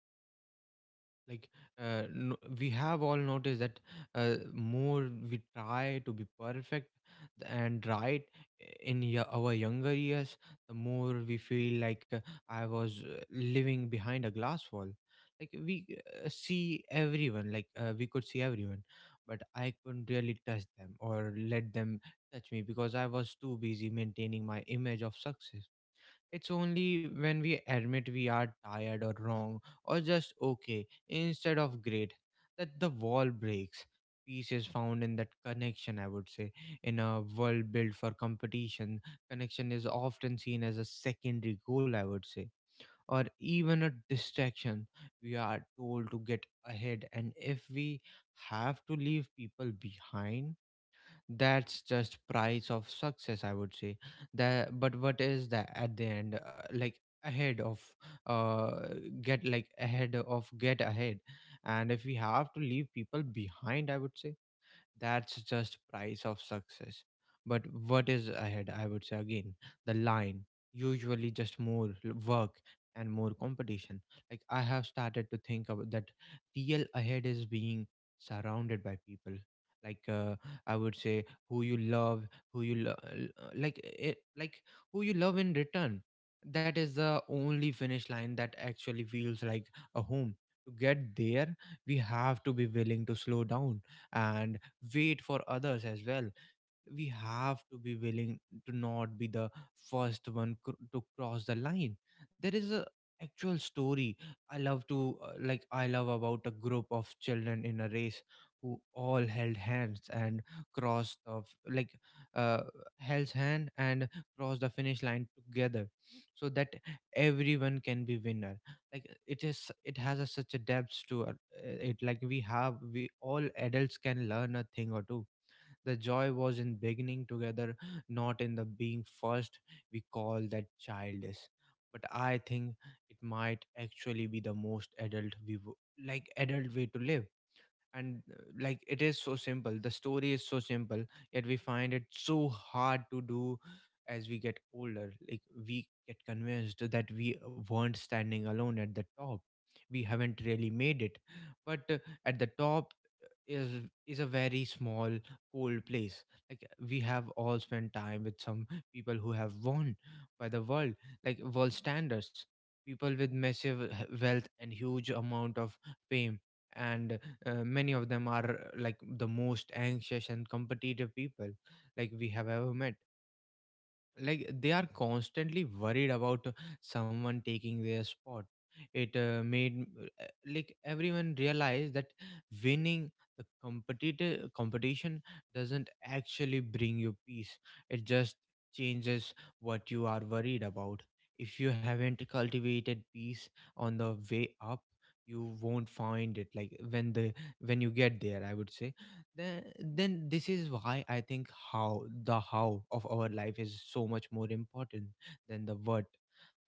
Speaker 2: Yeah, so true.
Speaker 1: Like
Speaker 2: Yeah.
Speaker 1: uh,
Speaker 2: And
Speaker 1: no,
Speaker 2: uh,
Speaker 1: we
Speaker 2: see,
Speaker 1: have
Speaker 2: I
Speaker 1: all
Speaker 2: have
Speaker 1: noticed that
Speaker 2: noticed that the
Speaker 1: uh,
Speaker 2: more tired
Speaker 1: more
Speaker 2: to be
Speaker 1: we try to
Speaker 2: perfect
Speaker 1: be
Speaker 2: and
Speaker 1: perfect
Speaker 2: right in my younger
Speaker 1: and right
Speaker 2: years, I
Speaker 1: in
Speaker 2: the
Speaker 1: y-
Speaker 2: more I
Speaker 1: our
Speaker 2: felt
Speaker 1: younger
Speaker 2: like
Speaker 1: years,
Speaker 2: I
Speaker 1: the
Speaker 2: was
Speaker 1: more
Speaker 2: living
Speaker 1: we
Speaker 2: behind a
Speaker 1: feel
Speaker 2: glass
Speaker 1: like uh,
Speaker 2: wall.
Speaker 1: I
Speaker 2: I
Speaker 1: was
Speaker 2: could
Speaker 1: uh,
Speaker 2: see
Speaker 1: living
Speaker 2: everyone, but
Speaker 1: behind a
Speaker 2: I
Speaker 1: glass wall.
Speaker 2: couldn't really
Speaker 1: like
Speaker 2: touch
Speaker 1: we
Speaker 2: them or
Speaker 1: uh,
Speaker 2: let them
Speaker 1: see
Speaker 2: touch me
Speaker 1: everyone like
Speaker 2: because
Speaker 1: uh,
Speaker 2: I
Speaker 1: we could
Speaker 2: was
Speaker 1: see
Speaker 2: too
Speaker 1: everyone,
Speaker 2: busy
Speaker 1: but I
Speaker 2: maintaining my
Speaker 1: couldn't really
Speaker 2: image
Speaker 1: touch
Speaker 2: of
Speaker 1: them or
Speaker 2: success.
Speaker 1: let them
Speaker 2: It's
Speaker 1: touch
Speaker 2: only
Speaker 1: me because
Speaker 2: when
Speaker 1: I
Speaker 2: we
Speaker 1: was too
Speaker 2: admit we
Speaker 1: busy
Speaker 2: are
Speaker 1: maintaining
Speaker 2: tired
Speaker 1: my
Speaker 2: or
Speaker 1: image of
Speaker 2: wrong or just
Speaker 1: success.
Speaker 2: okay
Speaker 1: It's
Speaker 2: instead of
Speaker 1: only when
Speaker 2: uh,
Speaker 1: we
Speaker 2: create the
Speaker 1: admit we
Speaker 2: wall
Speaker 1: are
Speaker 2: break.
Speaker 1: tired or wrong
Speaker 2: Peace is
Speaker 1: or just
Speaker 2: found
Speaker 1: okay
Speaker 2: when uh,
Speaker 1: instead of
Speaker 2: is
Speaker 1: great
Speaker 2: that uh,
Speaker 1: that the
Speaker 2: connections is a
Speaker 1: wall
Speaker 2: word
Speaker 1: breaks.
Speaker 2: built for
Speaker 1: Peace is found in
Speaker 2: competition.
Speaker 1: that connection,
Speaker 2: Connection
Speaker 1: I
Speaker 2: is
Speaker 1: would say.
Speaker 2: often seen
Speaker 1: In
Speaker 2: as a
Speaker 1: a world
Speaker 2: secondary
Speaker 1: built for
Speaker 2: goal or even
Speaker 1: competition,
Speaker 2: a
Speaker 1: connection is
Speaker 2: distraction.
Speaker 1: often
Speaker 2: We are
Speaker 1: seen as a
Speaker 2: told to get
Speaker 1: secondary goal, I
Speaker 2: ahead,
Speaker 1: would
Speaker 2: and
Speaker 1: say,
Speaker 2: if uh,
Speaker 1: or
Speaker 2: we have to
Speaker 1: even a
Speaker 2: leave people
Speaker 1: distraction.
Speaker 2: behind,
Speaker 1: We are
Speaker 2: that's just the
Speaker 1: told to get
Speaker 2: price of
Speaker 1: ahead,
Speaker 2: success,
Speaker 1: and
Speaker 2: you know.
Speaker 1: if we
Speaker 2: But uh,
Speaker 1: have
Speaker 2: that
Speaker 1: to
Speaker 2: is
Speaker 1: leave
Speaker 2: at the
Speaker 1: people
Speaker 2: head of
Speaker 1: behind,
Speaker 2: time uh, or ahead
Speaker 1: that's
Speaker 2: the
Speaker 1: just
Speaker 2: line.
Speaker 1: price of
Speaker 2: Usually,
Speaker 1: success,
Speaker 2: just
Speaker 1: I would
Speaker 2: more
Speaker 1: say.
Speaker 2: work and
Speaker 1: That
Speaker 2: more
Speaker 1: but
Speaker 2: uh,
Speaker 1: what is that
Speaker 2: competition.
Speaker 1: at the end,
Speaker 2: I
Speaker 1: uh,
Speaker 2: have
Speaker 1: like
Speaker 2: started to
Speaker 1: ahead
Speaker 2: think
Speaker 1: of
Speaker 2: that the
Speaker 1: uh
Speaker 2: real
Speaker 1: get like
Speaker 2: ahead is
Speaker 1: ahead
Speaker 2: being
Speaker 1: of get
Speaker 2: surrounded
Speaker 1: ahead,
Speaker 2: by people
Speaker 1: and if we
Speaker 2: who
Speaker 1: have to leave
Speaker 2: love you
Speaker 1: people
Speaker 2: and
Speaker 1: behind, I
Speaker 2: you
Speaker 1: would say,
Speaker 2: love in return.
Speaker 1: that's just
Speaker 2: And that is
Speaker 1: price of
Speaker 2: only
Speaker 1: success.
Speaker 2: finish
Speaker 1: But
Speaker 2: line that
Speaker 1: what is ahead,
Speaker 2: actually
Speaker 1: I would
Speaker 2: feels
Speaker 1: say
Speaker 2: like a
Speaker 1: again,
Speaker 2: home,
Speaker 1: the
Speaker 2: Vishnu.
Speaker 1: line,
Speaker 2: We
Speaker 1: usually
Speaker 2: uh, To
Speaker 1: just
Speaker 2: get
Speaker 1: more l-
Speaker 2: there, we
Speaker 1: work
Speaker 2: have to be
Speaker 1: and more
Speaker 2: willing to
Speaker 1: competition. Like
Speaker 2: slow
Speaker 1: I
Speaker 2: down
Speaker 1: have
Speaker 2: and
Speaker 1: started
Speaker 2: wait
Speaker 1: to
Speaker 2: for
Speaker 1: think about that
Speaker 2: others, and we
Speaker 1: real
Speaker 2: have to
Speaker 1: ahead
Speaker 2: be
Speaker 1: is
Speaker 2: willing
Speaker 1: being
Speaker 2: to
Speaker 1: surrounded by
Speaker 2: not
Speaker 1: people,
Speaker 2: be
Speaker 1: like
Speaker 2: the
Speaker 1: uh,
Speaker 2: first
Speaker 1: I
Speaker 2: one
Speaker 1: would say
Speaker 2: uh,
Speaker 1: who you
Speaker 2: across the
Speaker 1: love,
Speaker 2: line.
Speaker 1: who you
Speaker 2: There
Speaker 1: lo-
Speaker 2: is
Speaker 1: l-
Speaker 2: a
Speaker 1: uh, like
Speaker 2: story I
Speaker 1: it,
Speaker 2: have
Speaker 1: like
Speaker 2: about a
Speaker 1: who you
Speaker 2: group of
Speaker 1: love in
Speaker 2: children
Speaker 1: return.
Speaker 2: in a race
Speaker 1: That is
Speaker 2: who
Speaker 1: the
Speaker 2: all
Speaker 1: only
Speaker 2: held
Speaker 1: finish line
Speaker 2: hands
Speaker 1: that
Speaker 2: and
Speaker 1: actually feels
Speaker 2: cross the
Speaker 1: like a
Speaker 2: finish
Speaker 1: home.
Speaker 2: line
Speaker 1: To
Speaker 2: together
Speaker 1: get there,
Speaker 2: so
Speaker 1: we
Speaker 2: that
Speaker 1: have to
Speaker 2: everyone
Speaker 1: be
Speaker 2: could
Speaker 1: willing to
Speaker 2: be the
Speaker 1: slow
Speaker 2: winner
Speaker 1: down
Speaker 2: you know
Speaker 1: and
Speaker 2: The
Speaker 1: wait
Speaker 2: adults
Speaker 1: for
Speaker 2: were
Speaker 1: others as
Speaker 2: confused
Speaker 1: well.
Speaker 2: because
Speaker 1: We
Speaker 2: they
Speaker 1: have to
Speaker 2: wanted to
Speaker 1: be
Speaker 2: see
Speaker 1: willing
Speaker 2: who
Speaker 1: to
Speaker 2: was the
Speaker 1: not be the
Speaker 2: fastest,
Speaker 1: first
Speaker 2: but
Speaker 1: one
Speaker 2: the
Speaker 1: cr- to
Speaker 2: children
Speaker 1: cross the line.
Speaker 2: understood
Speaker 1: There
Speaker 2: something
Speaker 1: is a
Speaker 2: that
Speaker 1: actual
Speaker 2: we
Speaker 1: story
Speaker 2: often
Speaker 1: I
Speaker 2: forget: the
Speaker 1: love to, uh,
Speaker 2: joy was
Speaker 1: like
Speaker 2: in
Speaker 1: I love
Speaker 2: being
Speaker 1: about a group
Speaker 2: together,
Speaker 1: of
Speaker 2: not in
Speaker 1: children
Speaker 2: being
Speaker 1: in a
Speaker 2: first.
Speaker 1: race
Speaker 2: And
Speaker 1: who
Speaker 2: we
Speaker 1: all
Speaker 2: call that
Speaker 1: held hands
Speaker 2: childish
Speaker 1: and
Speaker 2: you know but
Speaker 1: crossed
Speaker 2: I
Speaker 1: of
Speaker 2: think it
Speaker 1: like
Speaker 2: might
Speaker 1: uh,
Speaker 2: actually be the
Speaker 1: held
Speaker 2: most
Speaker 1: hand and
Speaker 2: adult way
Speaker 1: crossed the
Speaker 2: to
Speaker 1: finish
Speaker 2: live.
Speaker 1: line
Speaker 2: Am I
Speaker 1: together,
Speaker 2: right?
Speaker 1: so that everyone can be
Speaker 2: Yeah,
Speaker 1: winner.
Speaker 2: Vishnu.
Speaker 1: Like
Speaker 2: And that
Speaker 1: it is,
Speaker 2: uh,
Speaker 1: it has a,
Speaker 2: story
Speaker 1: such a
Speaker 2: really
Speaker 1: depth
Speaker 2: hits
Speaker 1: to it.
Speaker 2: home.
Speaker 1: It
Speaker 2: It's
Speaker 1: like
Speaker 2: so
Speaker 1: we have
Speaker 2: simple
Speaker 1: we
Speaker 2: that
Speaker 1: all
Speaker 2: uh,
Speaker 1: adults
Speaker 2: yet
Speaker 1: can
Speaker 2: we
Speaker 1: learn a
Speaker 2: find it
Speaker 1: thing or
Speaker 2: so
Speaker 1: two.
Speaker 2: hard
Speaker 1: The
Speaker 2: to do,
Speaker 1: joy
Speaker 2: as
Speaker 1: was
Speaker 2: we
Speaker 1: in
Speaker 2: get,
Speaker 1: beginning
Speaker 2: you know,
Speaker 1: together,
Speaker 2: uh,
Speaker 1: not in the
Speaker 2: older. We
Speaker 1: being
Speaker 2: get
Speaker 1: first.
Speaker 2: convinced,
Speaker 1: We
Speaker 2: and
Speaker 1: call that
Speaker 2: uh, that if we
Speaker 1: childish.
Speaker 2: aren't
Speaker 1: But I
Speaker 2: standing
Speaker 1: think it
Speaker 2: uh,
Speaker 1: might
Speaker 2: alone at the
Speaker 1: actually be the
Speaker 2: top,
Speaker 1: most
Speaker 2: we
Speaker 1: adult
Speaker 2: have
Speaker 1: we wo-
Speaker 2: not really
Speaker 1: like
Speaker 2: made it,
Speaker 1: adult way
Speaker 2: you
Speaker 1: to
Speaker 2: know.
Speaker 1: live.
Speaker 2: But the
Speaker 1: And
Speaker 2: top
Speaker 1: uh,
Speaker 2: is
Speaker 1: Like
Speaker 2: very
Speaker 1: it is so
Speaker 2: small
Speaker 1: simple. The story
Speaker 2: cold
Speaker 1: is so
Speaker 2: place.
Speaker 1: simple,
Speaker 2: I have
Speaker 1: yet we find
Speaker 2: spent
Speaker 1: it
Speaker 2: time
Speaker 1: so
Speaker 2: with
Speaker 1: hard to
Speaker 2: people who
Speaker 1: do
Speaker 2: have won
Speaker 1: as we
Speaker 2: by the
Speaker 1: get
Speaker 2: world.
Speaker 1: older. Like we
Speaker 2: Standard
Speaker 1: get
Speaker 2: people with
Speaker 1: convinced that
Speaker 2: massive
Speaker 1: we
Speaker 2: wealth
Speaker 1: weren't
Speaker 2: and
Speaker 1: standing
Speaker 2: huge
Speaker 1: alone
Speaker 2: amount
Speaker 1: at the
Speaker 2: of
Speaker 1: top.
Speaker 2: fame.
Speaker 1: We
Speaker 2: And
Speaker 1: haven't really
Speaker 2: uh,
Speaker 1: made
Speaker 2: the,
Speaker 1: it.
Speaker 2: many of
Speaker 1: But uh,
Speaker 2: them are
Speaker 1: At the
Speaker 2: most
Speaker 1: top
Speaker 2: anxious and
Speaker 1: is is a
Speaker 2: competitive
Speaker 1: very
Speaker 2: people
Speaker 1: small
Speaker 2: I have ever
Speaker 1: cold
Speaker 2: met
Speaker 1: place.
Speaker 2: them.
Speaker 1: Like we
Speaker 2: And they
Speaker 1: have
Speaker 2: are
Speaker 1: all spent time
Speaker 2: constantly
Speaker 1: with some
Speaker 2: worried about
Speaker 1: people who have
Speaker 2: someone
Speaker 1: won
Speaker 2: taking
Speaker 1: by
Speaker 2: their
Speaker 1: the world,
Speaker 2: spot.
Speaker 1: like world
Speaker 2: It made
Speaker 1: standards,
Speaker 2: me
Speaker 1: people
Speaker 2: realize
Speaker 1: with
Speaker 2: that
Speaker 1: massive
Speaker 2: uh,
Speaker 1: h-
Speaker 2: winning
Speaker 1: wealth
Speaker 2: the
Speaker 1: and huge
Speaker 2: competition doesn't
Speaker 1: amount of
Speaker 2: actually
Speaker 1: fame,
Speaker 2: bring you peace,
Speaker 1: and
Speaker 2: Vishnu.
Speaker 1: uh,
Speaker 2: It
Speaker 1: many of
Speaker 2: it
Speaker 1: them are
Speaker 2: just
Speaker 1: uh, like
Speaker 2: change what
Speaker 1: the
Speaker 2: you are
Speaker 1: most
Speaker 2: worried
Speaker 1: anxious
Speaker 2: about. You
Speaker 1: and
Speaker 2: know,
Speaker 1: competitive
Speaker 2: If you
Speaker 1: people
Speaker 2: have uh,
Speaker 1: like we
Speaker 2: have
Speaker 1: have
Speaker 2: not
Speaker 1: ever met.
Speaker 2: cultivate peace on the way
Speaker 1: Like they are
Speaker 2: up, you won't
Speaker 1: constantly
Speaker 2: find it
Speaker 1: worried
Speaker 2: when
Speaker 1: about uh,
Speaker 2: you get there.
Speaker 1: someone taking
Speaker 2: And
Speaker 1: their
Speaker 2: this
Speaker 1: spot.
Speaker 2: is why I
Speaker 1: it uh,
Speaker 2: think
Speaker 1: made
Speaker 2: the
Speaker 1: uh, like
Speaker 2: how I
Speaker 1: everyone
Speaker 2: our life
Speaker 1: realize
Speaker 2: is
Speaker 1: that
Speaker 2: so much
Speaker 1: winning the
Speaker 2: more
Speaker 1: competitive
Speaker 2: important than
Speaker 1: competition
Speaker 2: the
Speaker 1: doesn't
Speaker 2: what
Speaker 1: actually
Speaker 2: and
Speaker 1: bring
Speaker 2: how
Speaker 1: you
Speaker 2: we
Speaker 1: peace.
Speaker 2: treat the
Speaker 1: It just
Speaker 2: person who make our
Speaker 1: changes
Speaker 2: o-
Speaker 1: what you
Speaker 2: coffee,
Speaker 1: are worried
Speaker 2: how we
Speaker 1: about.
Speaker 2: talk
Speaker 1: If
Speaker 2: to
Speaker 1: you haven't
Speaker 2: ourselves when we
Speaker 1: cultivated
Speaker 2: make a
Speaker 1: peace
Speaker 2: mistake,
Speaker 1: on the way
Speaker 2: and uh,
Speaker 1: up,
Speaker 2: how we spend
Speaker 1: you
Speaker 2: a
Speaker 1: won't
Speaker 2: rainy
Speaker 1: find it,
Speaker 2: Tuesday
Speaker 1: like
Speaker 2: afternoon,
Speaker 1: when
Speaker 2: you
Speaker 1: the
Speaker 2: know. Mm.
Speaker 1: when you get there,
Speaker 2: And
Speaker 1: I
Speaker 2: these
Speaker 1: would
Speaker 2: are
Speaker 1: say.
Speaker 2: the things that
Speaker 1: then
Speaker 2: actually
Speaker 1: then
Speaker 2: build
Speaker 1: this
Speaker 2: a
Speaker 1: is
Speaker 2: life of
Speaker 1: why I
Speaker 2: peace.
Speaker 1: think how,
Speaker 2: And we
Speaker 1: the
Speaker 2: have to
Speaker 1: how of
Speaker 2: stop
Speaker 1: our
Speaker 2: waiting
Speaker 1: life,
Speaker 2: for
Speaker 1: is
Speaker 2: the
Speaker 1: so
Speaker 2: big
Speaker 1: much more important
Speaker 2: moments to
Speaker 1: than the
Speaker 2: happy
Speaker 1: what.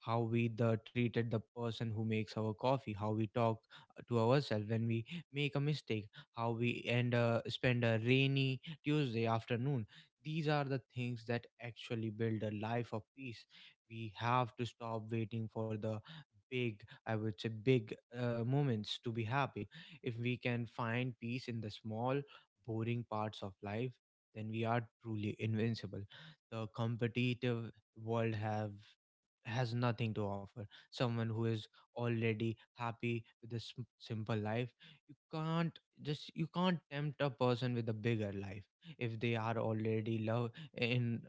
Speaker 1: How we the
Speaker 2: we can
Speaker 1: treated the
Speaker 2: find
Speaker 1: person
Speaker 2: peace
Speaker 1: who
Speaker 2: in a
Speaker 1: makes our
Speaker 2: small,
Speaker 1: coffee, how
Speaker 2: boring
Speaker 1: we
Speaker 2: part
Speaker 1: talk
Speaker 2: of
Speaker 1: uh,
Speaker 2: life,
Speaker 1: to
Speaker 2: but
Speaker 1: ourselves when we
Speaker 2: uh,
Speaker 1: make a
Speaker 2: when we
Speaker 1: mistake,
Speaker 2: are
Speaker 1: how we
Speaker 2: truly
Speaker 1: end uh,
Speaker 2: invisible.
Speaker 1: spend a
Speaker 2: So,
Speaker 1: rainy
Speaker 2: the
Speaker 1: Tuesday
Speaker 2: competitive world
Speaker 1: afternoon.
Speaker 2: has
Speaker 1: These are the
Speaker 2: nothing to
Speaker 1: things
Speaker 2: offer
Speaker 1: that
Speaker 2: someone who
Speaker 1: actually
Speaker 2: is
Speaker 1: build a
Speaker 2: already
Speaker 1: life of peace.
Speaker 2: happy with a
Speaker 1: We
Speaker 2: simple
Speaker 1: have to
Speaker 2: life,
Speaker 1: stop
Speaker 2: you know.
Speaker 1: waiting for the big
Speaker 2: The,
Speaker 1: I would
Speaker 2: uh,
Speaker 1: say
Speaker 2: you can't
Speaker 1: big
Speaker 2: tempt a
Speaker 1: uh,
Speaker 2: person
Speaker 1: moments to
Speaker 2: with a
Speaker 1: be
Speaker 2: bigger
Speaker 1: happy.
Speaker 2: life
Speaker 1: If
Speaker 2: if
Speaker 1: we
Speaker 2: they
Speaker 1: can find
Speaker 2: already
Speaker 1: peace in the
Speaker 2: love the
Speaker 1: small
Speaker 2: one they have, you
Speaker 1: boring
Speaker 2: know,
Speaker 1: parts of
Speaker 2: Vishnu.
Speaker 1: life,
Speaker 2: They,
Speaker 1: then
Speaker 2: th-
Speaker 1: we are
Speaker 2: that is
Speaker 1: truly
Speaker 2: true freedom.
Speaker 1: invincible.
Speaker 2: It is the
Speaker 1: The
Speaker 2: freedom to
Speaker 1: competitive
Speaker 2: say
Speaker 1: world
Speaker 2: no to
Speaker 1: have
Speaker 2: things that would
Speaker 1: has
Speaker 2: steal
Speaker 1: nothing to
Speaker 2: your
Speaker 1: offer.
Speaker 2: time
Speaker 1: Someone who
Speaker 2: and
Speaker 1: is
Speaker 2: your
Speaker 1: already
Speaker 2: energy. If
Speaker 1: happy
Speaker 2: uh,
Speaker 1: with a sim-
Speaker 2: those things
Speaker 1: simple
Speaker 2: looks
Speaker 1: life,
Speaker 2: like
Speaker 1: you can't
Speaker 2: opportunities
Speaker 1: just you
Speaker 2: to
Speaker 1: can't tempt a
Speaker 2: everyone
Speaker 1: person
Speaker 2: else,
Speaker 1: with a bigger
Speaker 2: what do
Speaker 1: life
Speaker 2: you say?
Speaker 1: if they are already love
Speaker 2: Yeah.
Speaker 1: in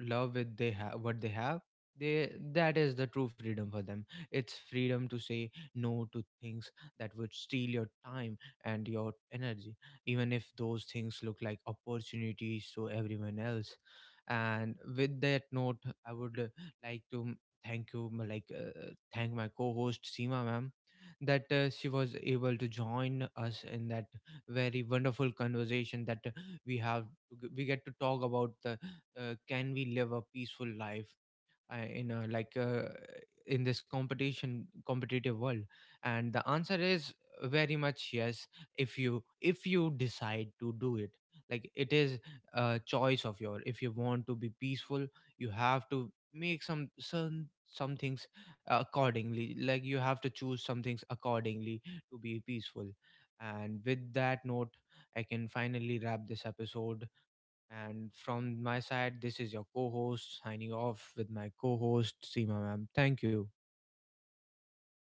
Speaker 1: love with they have what they have. They
Speaker 2: So,
Speaker 1: that
Speaker 2: Vishnu,
Speaker 1: is
Speaker 2: uh,
Speaker 1: the true
Speaker 2: yeah,
Speaker 1: freedom
Speaker 2: I
Speaker 1: for
Speaker 2: would
Speaker 1: them.
Speaker 2: like to
Speaker 1: It's
Speaker 2: uh,
Speaker 1: freedom to say
Speaker 2: continue. Like
Speaker 1: no
Speaker 2: uh,
Speaker 1: to things
Speaker 2: that
Speaker 1: that would
Speaker 2: freedom to
Speaker 1: steal
Speaker 2: say
Speaker 1: your
Speaker 2: no
Speaker 1: time
Speaker 2: is a
Speaker 1: and
Speaker 2: huge
Speaker 1: your
Speaker 2: part of this.
Speaker 1: energy,
Speaker 2: We are
Speaker 1: even if
Speaker 2: often
Speaker 1: those things
Speaker 2: afraid
Speaker 1: look
Speaker 2: that
Speaker 1: like
Speaker 2: if we say
Speaker 1: opportunities to
Speaker 2: no to the
Speaker 1: everyone else.
Speaker 2: opportunity, we are
Speaker 1: And with
Speaker 2: losing
Speaker 1: that note,
Speaker 2: or
Speaker 1: I
Speaker 2: missing
Speaker 1: would uh,
Speaker 2: out. This
Speaker 1: like
Speaker 2: uh,
Speaker 1: to
Speaker 2: is what
Speaker 1: thank you, m-
Speaker 2: people
Speaker 1: like
Speaker 2: call
Speaker 1: uh, thank
Speaker 2: F
Speaker 1: my
Speaker 2: M
Speaker 1: co-host
Speaker 2: F
Speaker 1: Seema
Speaker 2: O
Speaker 1: ma'am,
Speaker 2: M O,
Speaker 1: that uh,
Speaker 2: The
Speaker 1: she was
Speaker 2: fear
Speaker 1: able to
Speaker 2: of
Speaker 1: join
Speaker 2: missing
Speaker 1: us
Speaker 2: out
Speaker 1: in
Speaker 2: is
Speaker 1: that
Speaker 2: a very
Speaker 1: very wonderful
Speaker 2: competitive feeling
Speaker 1: conversation that
Speaker 2: because
Speaker 1: uh, we
Speaker 2: it's uh,
Speaker 1: have.
Speaker 2: based on
Speaker 1: We
Speaker 2: the
Speaker 1: get to talk
Speaker 2: idea
Speaker 1: about
Speaker 2: that
Speaker 1: the
Speaker 2: someone else
Speaker 1: uh,
Speaker 2: is
Speaker 1: can we
Speaker 2: having a
Speaker 1: live a
Speaker 2: better
Speaker 1: peaceful
Speaker 2: time
Speaker 1: life uh,
Speaker 2: or
Speaker 1: in a,
Speaker 2: uh,
Speaker 1: like uh,
Speaker 2: getting better
Speaker 1: in this
Speaker 2: deal
Speaker 1: competition
Speaker 2: uh,
Speaker 1: competitive world,
Speaker 2: than we are.
Speaker 1: and
Speaker 2: But
Speaker 1: the answer
Speaker 2: uh,
Speaker 1: is very much
Speaker 2: yes,
Speaker 1: yes,
Speaker 2: uh,
Speaker 1: if you
Speaker 2: you
Speaker 1: if you
Speaker 2: uh, we
Speaker 1: decide
Speaker 2: can
Speaker 1: to
Speaker 2: uh,
Speaker 1: do it.
Speaker 2: just.
Speaker 1: Like it
Speaker 2: I have
Speaker 1: is
Speaker 2: been
Speaker 1: a
Speaker 2: practicing the
Speaker 1: choice of
Speaker 2: joy of
Speaker 1: your. If you
Speaker 2: missing
Speaker 1: want to
Speaker 2: out.
Speaker 1: be
Speaker 2: Is the
Speaker 1: peaceful,
Speaker 2: peace
Speaker 1: you
Speaker 2: that
Speaker 1: have to
Speaker 2: come from the
Speaker 1: make some
Speaker 2: know,
Speaker 1: some
Speaker 2: knowing you
Speaker 1: some
Speaker 2: are
Speaker 1: things
Speaker 2: exactly
Speaker 1: accordingly.
Speaker 2: where you
Speaker 1: Like you
Speaker 2: want
Speaker 1: have
Speaker 2: to
Speaker 1: to
Speaker 2: be,
Speaker 1: choose some things
Speaker 2: even if there
Speaker 1: accordingly
Speaker 2: is a
Speaker 1: to
Speaker 2: big
Speaker 1: be
Speaker 2: party
Speaker 1: peaceful.
Speaker 2: or a big
Speaker 1: And
Speaker 2: promotion
Speaker 1: with that
Speaker 2: happening
Speaker 1: note, I can
Speaker 2: uh,
Speaker 1: finally
Speaker 2: somewhere
Speaker 1: wrap this
Speaker 2: else.
Speaker 1: episode,
Speaker 2: Okay, so.
Speaker 1: and
Speaker 2: Uh,
Speaker 1: from my side, this is your co
Speaker 2: yeah, uh,
Speaker 1: host
Speaker 2: this
Speaker 1: signing
Speaker 2: is
Speaker 1: off
Speaker 2: uh,
Speaker 1: with
Speaker 2: about
Speaker 1: my co host,
Speaker 2: trusting uh,
Speaker 1: Seema ma'am.
Speaker 2: your
Speaker 1: Thank
Speaker 2: own
Speaker 1: you.
Speaker 2: internal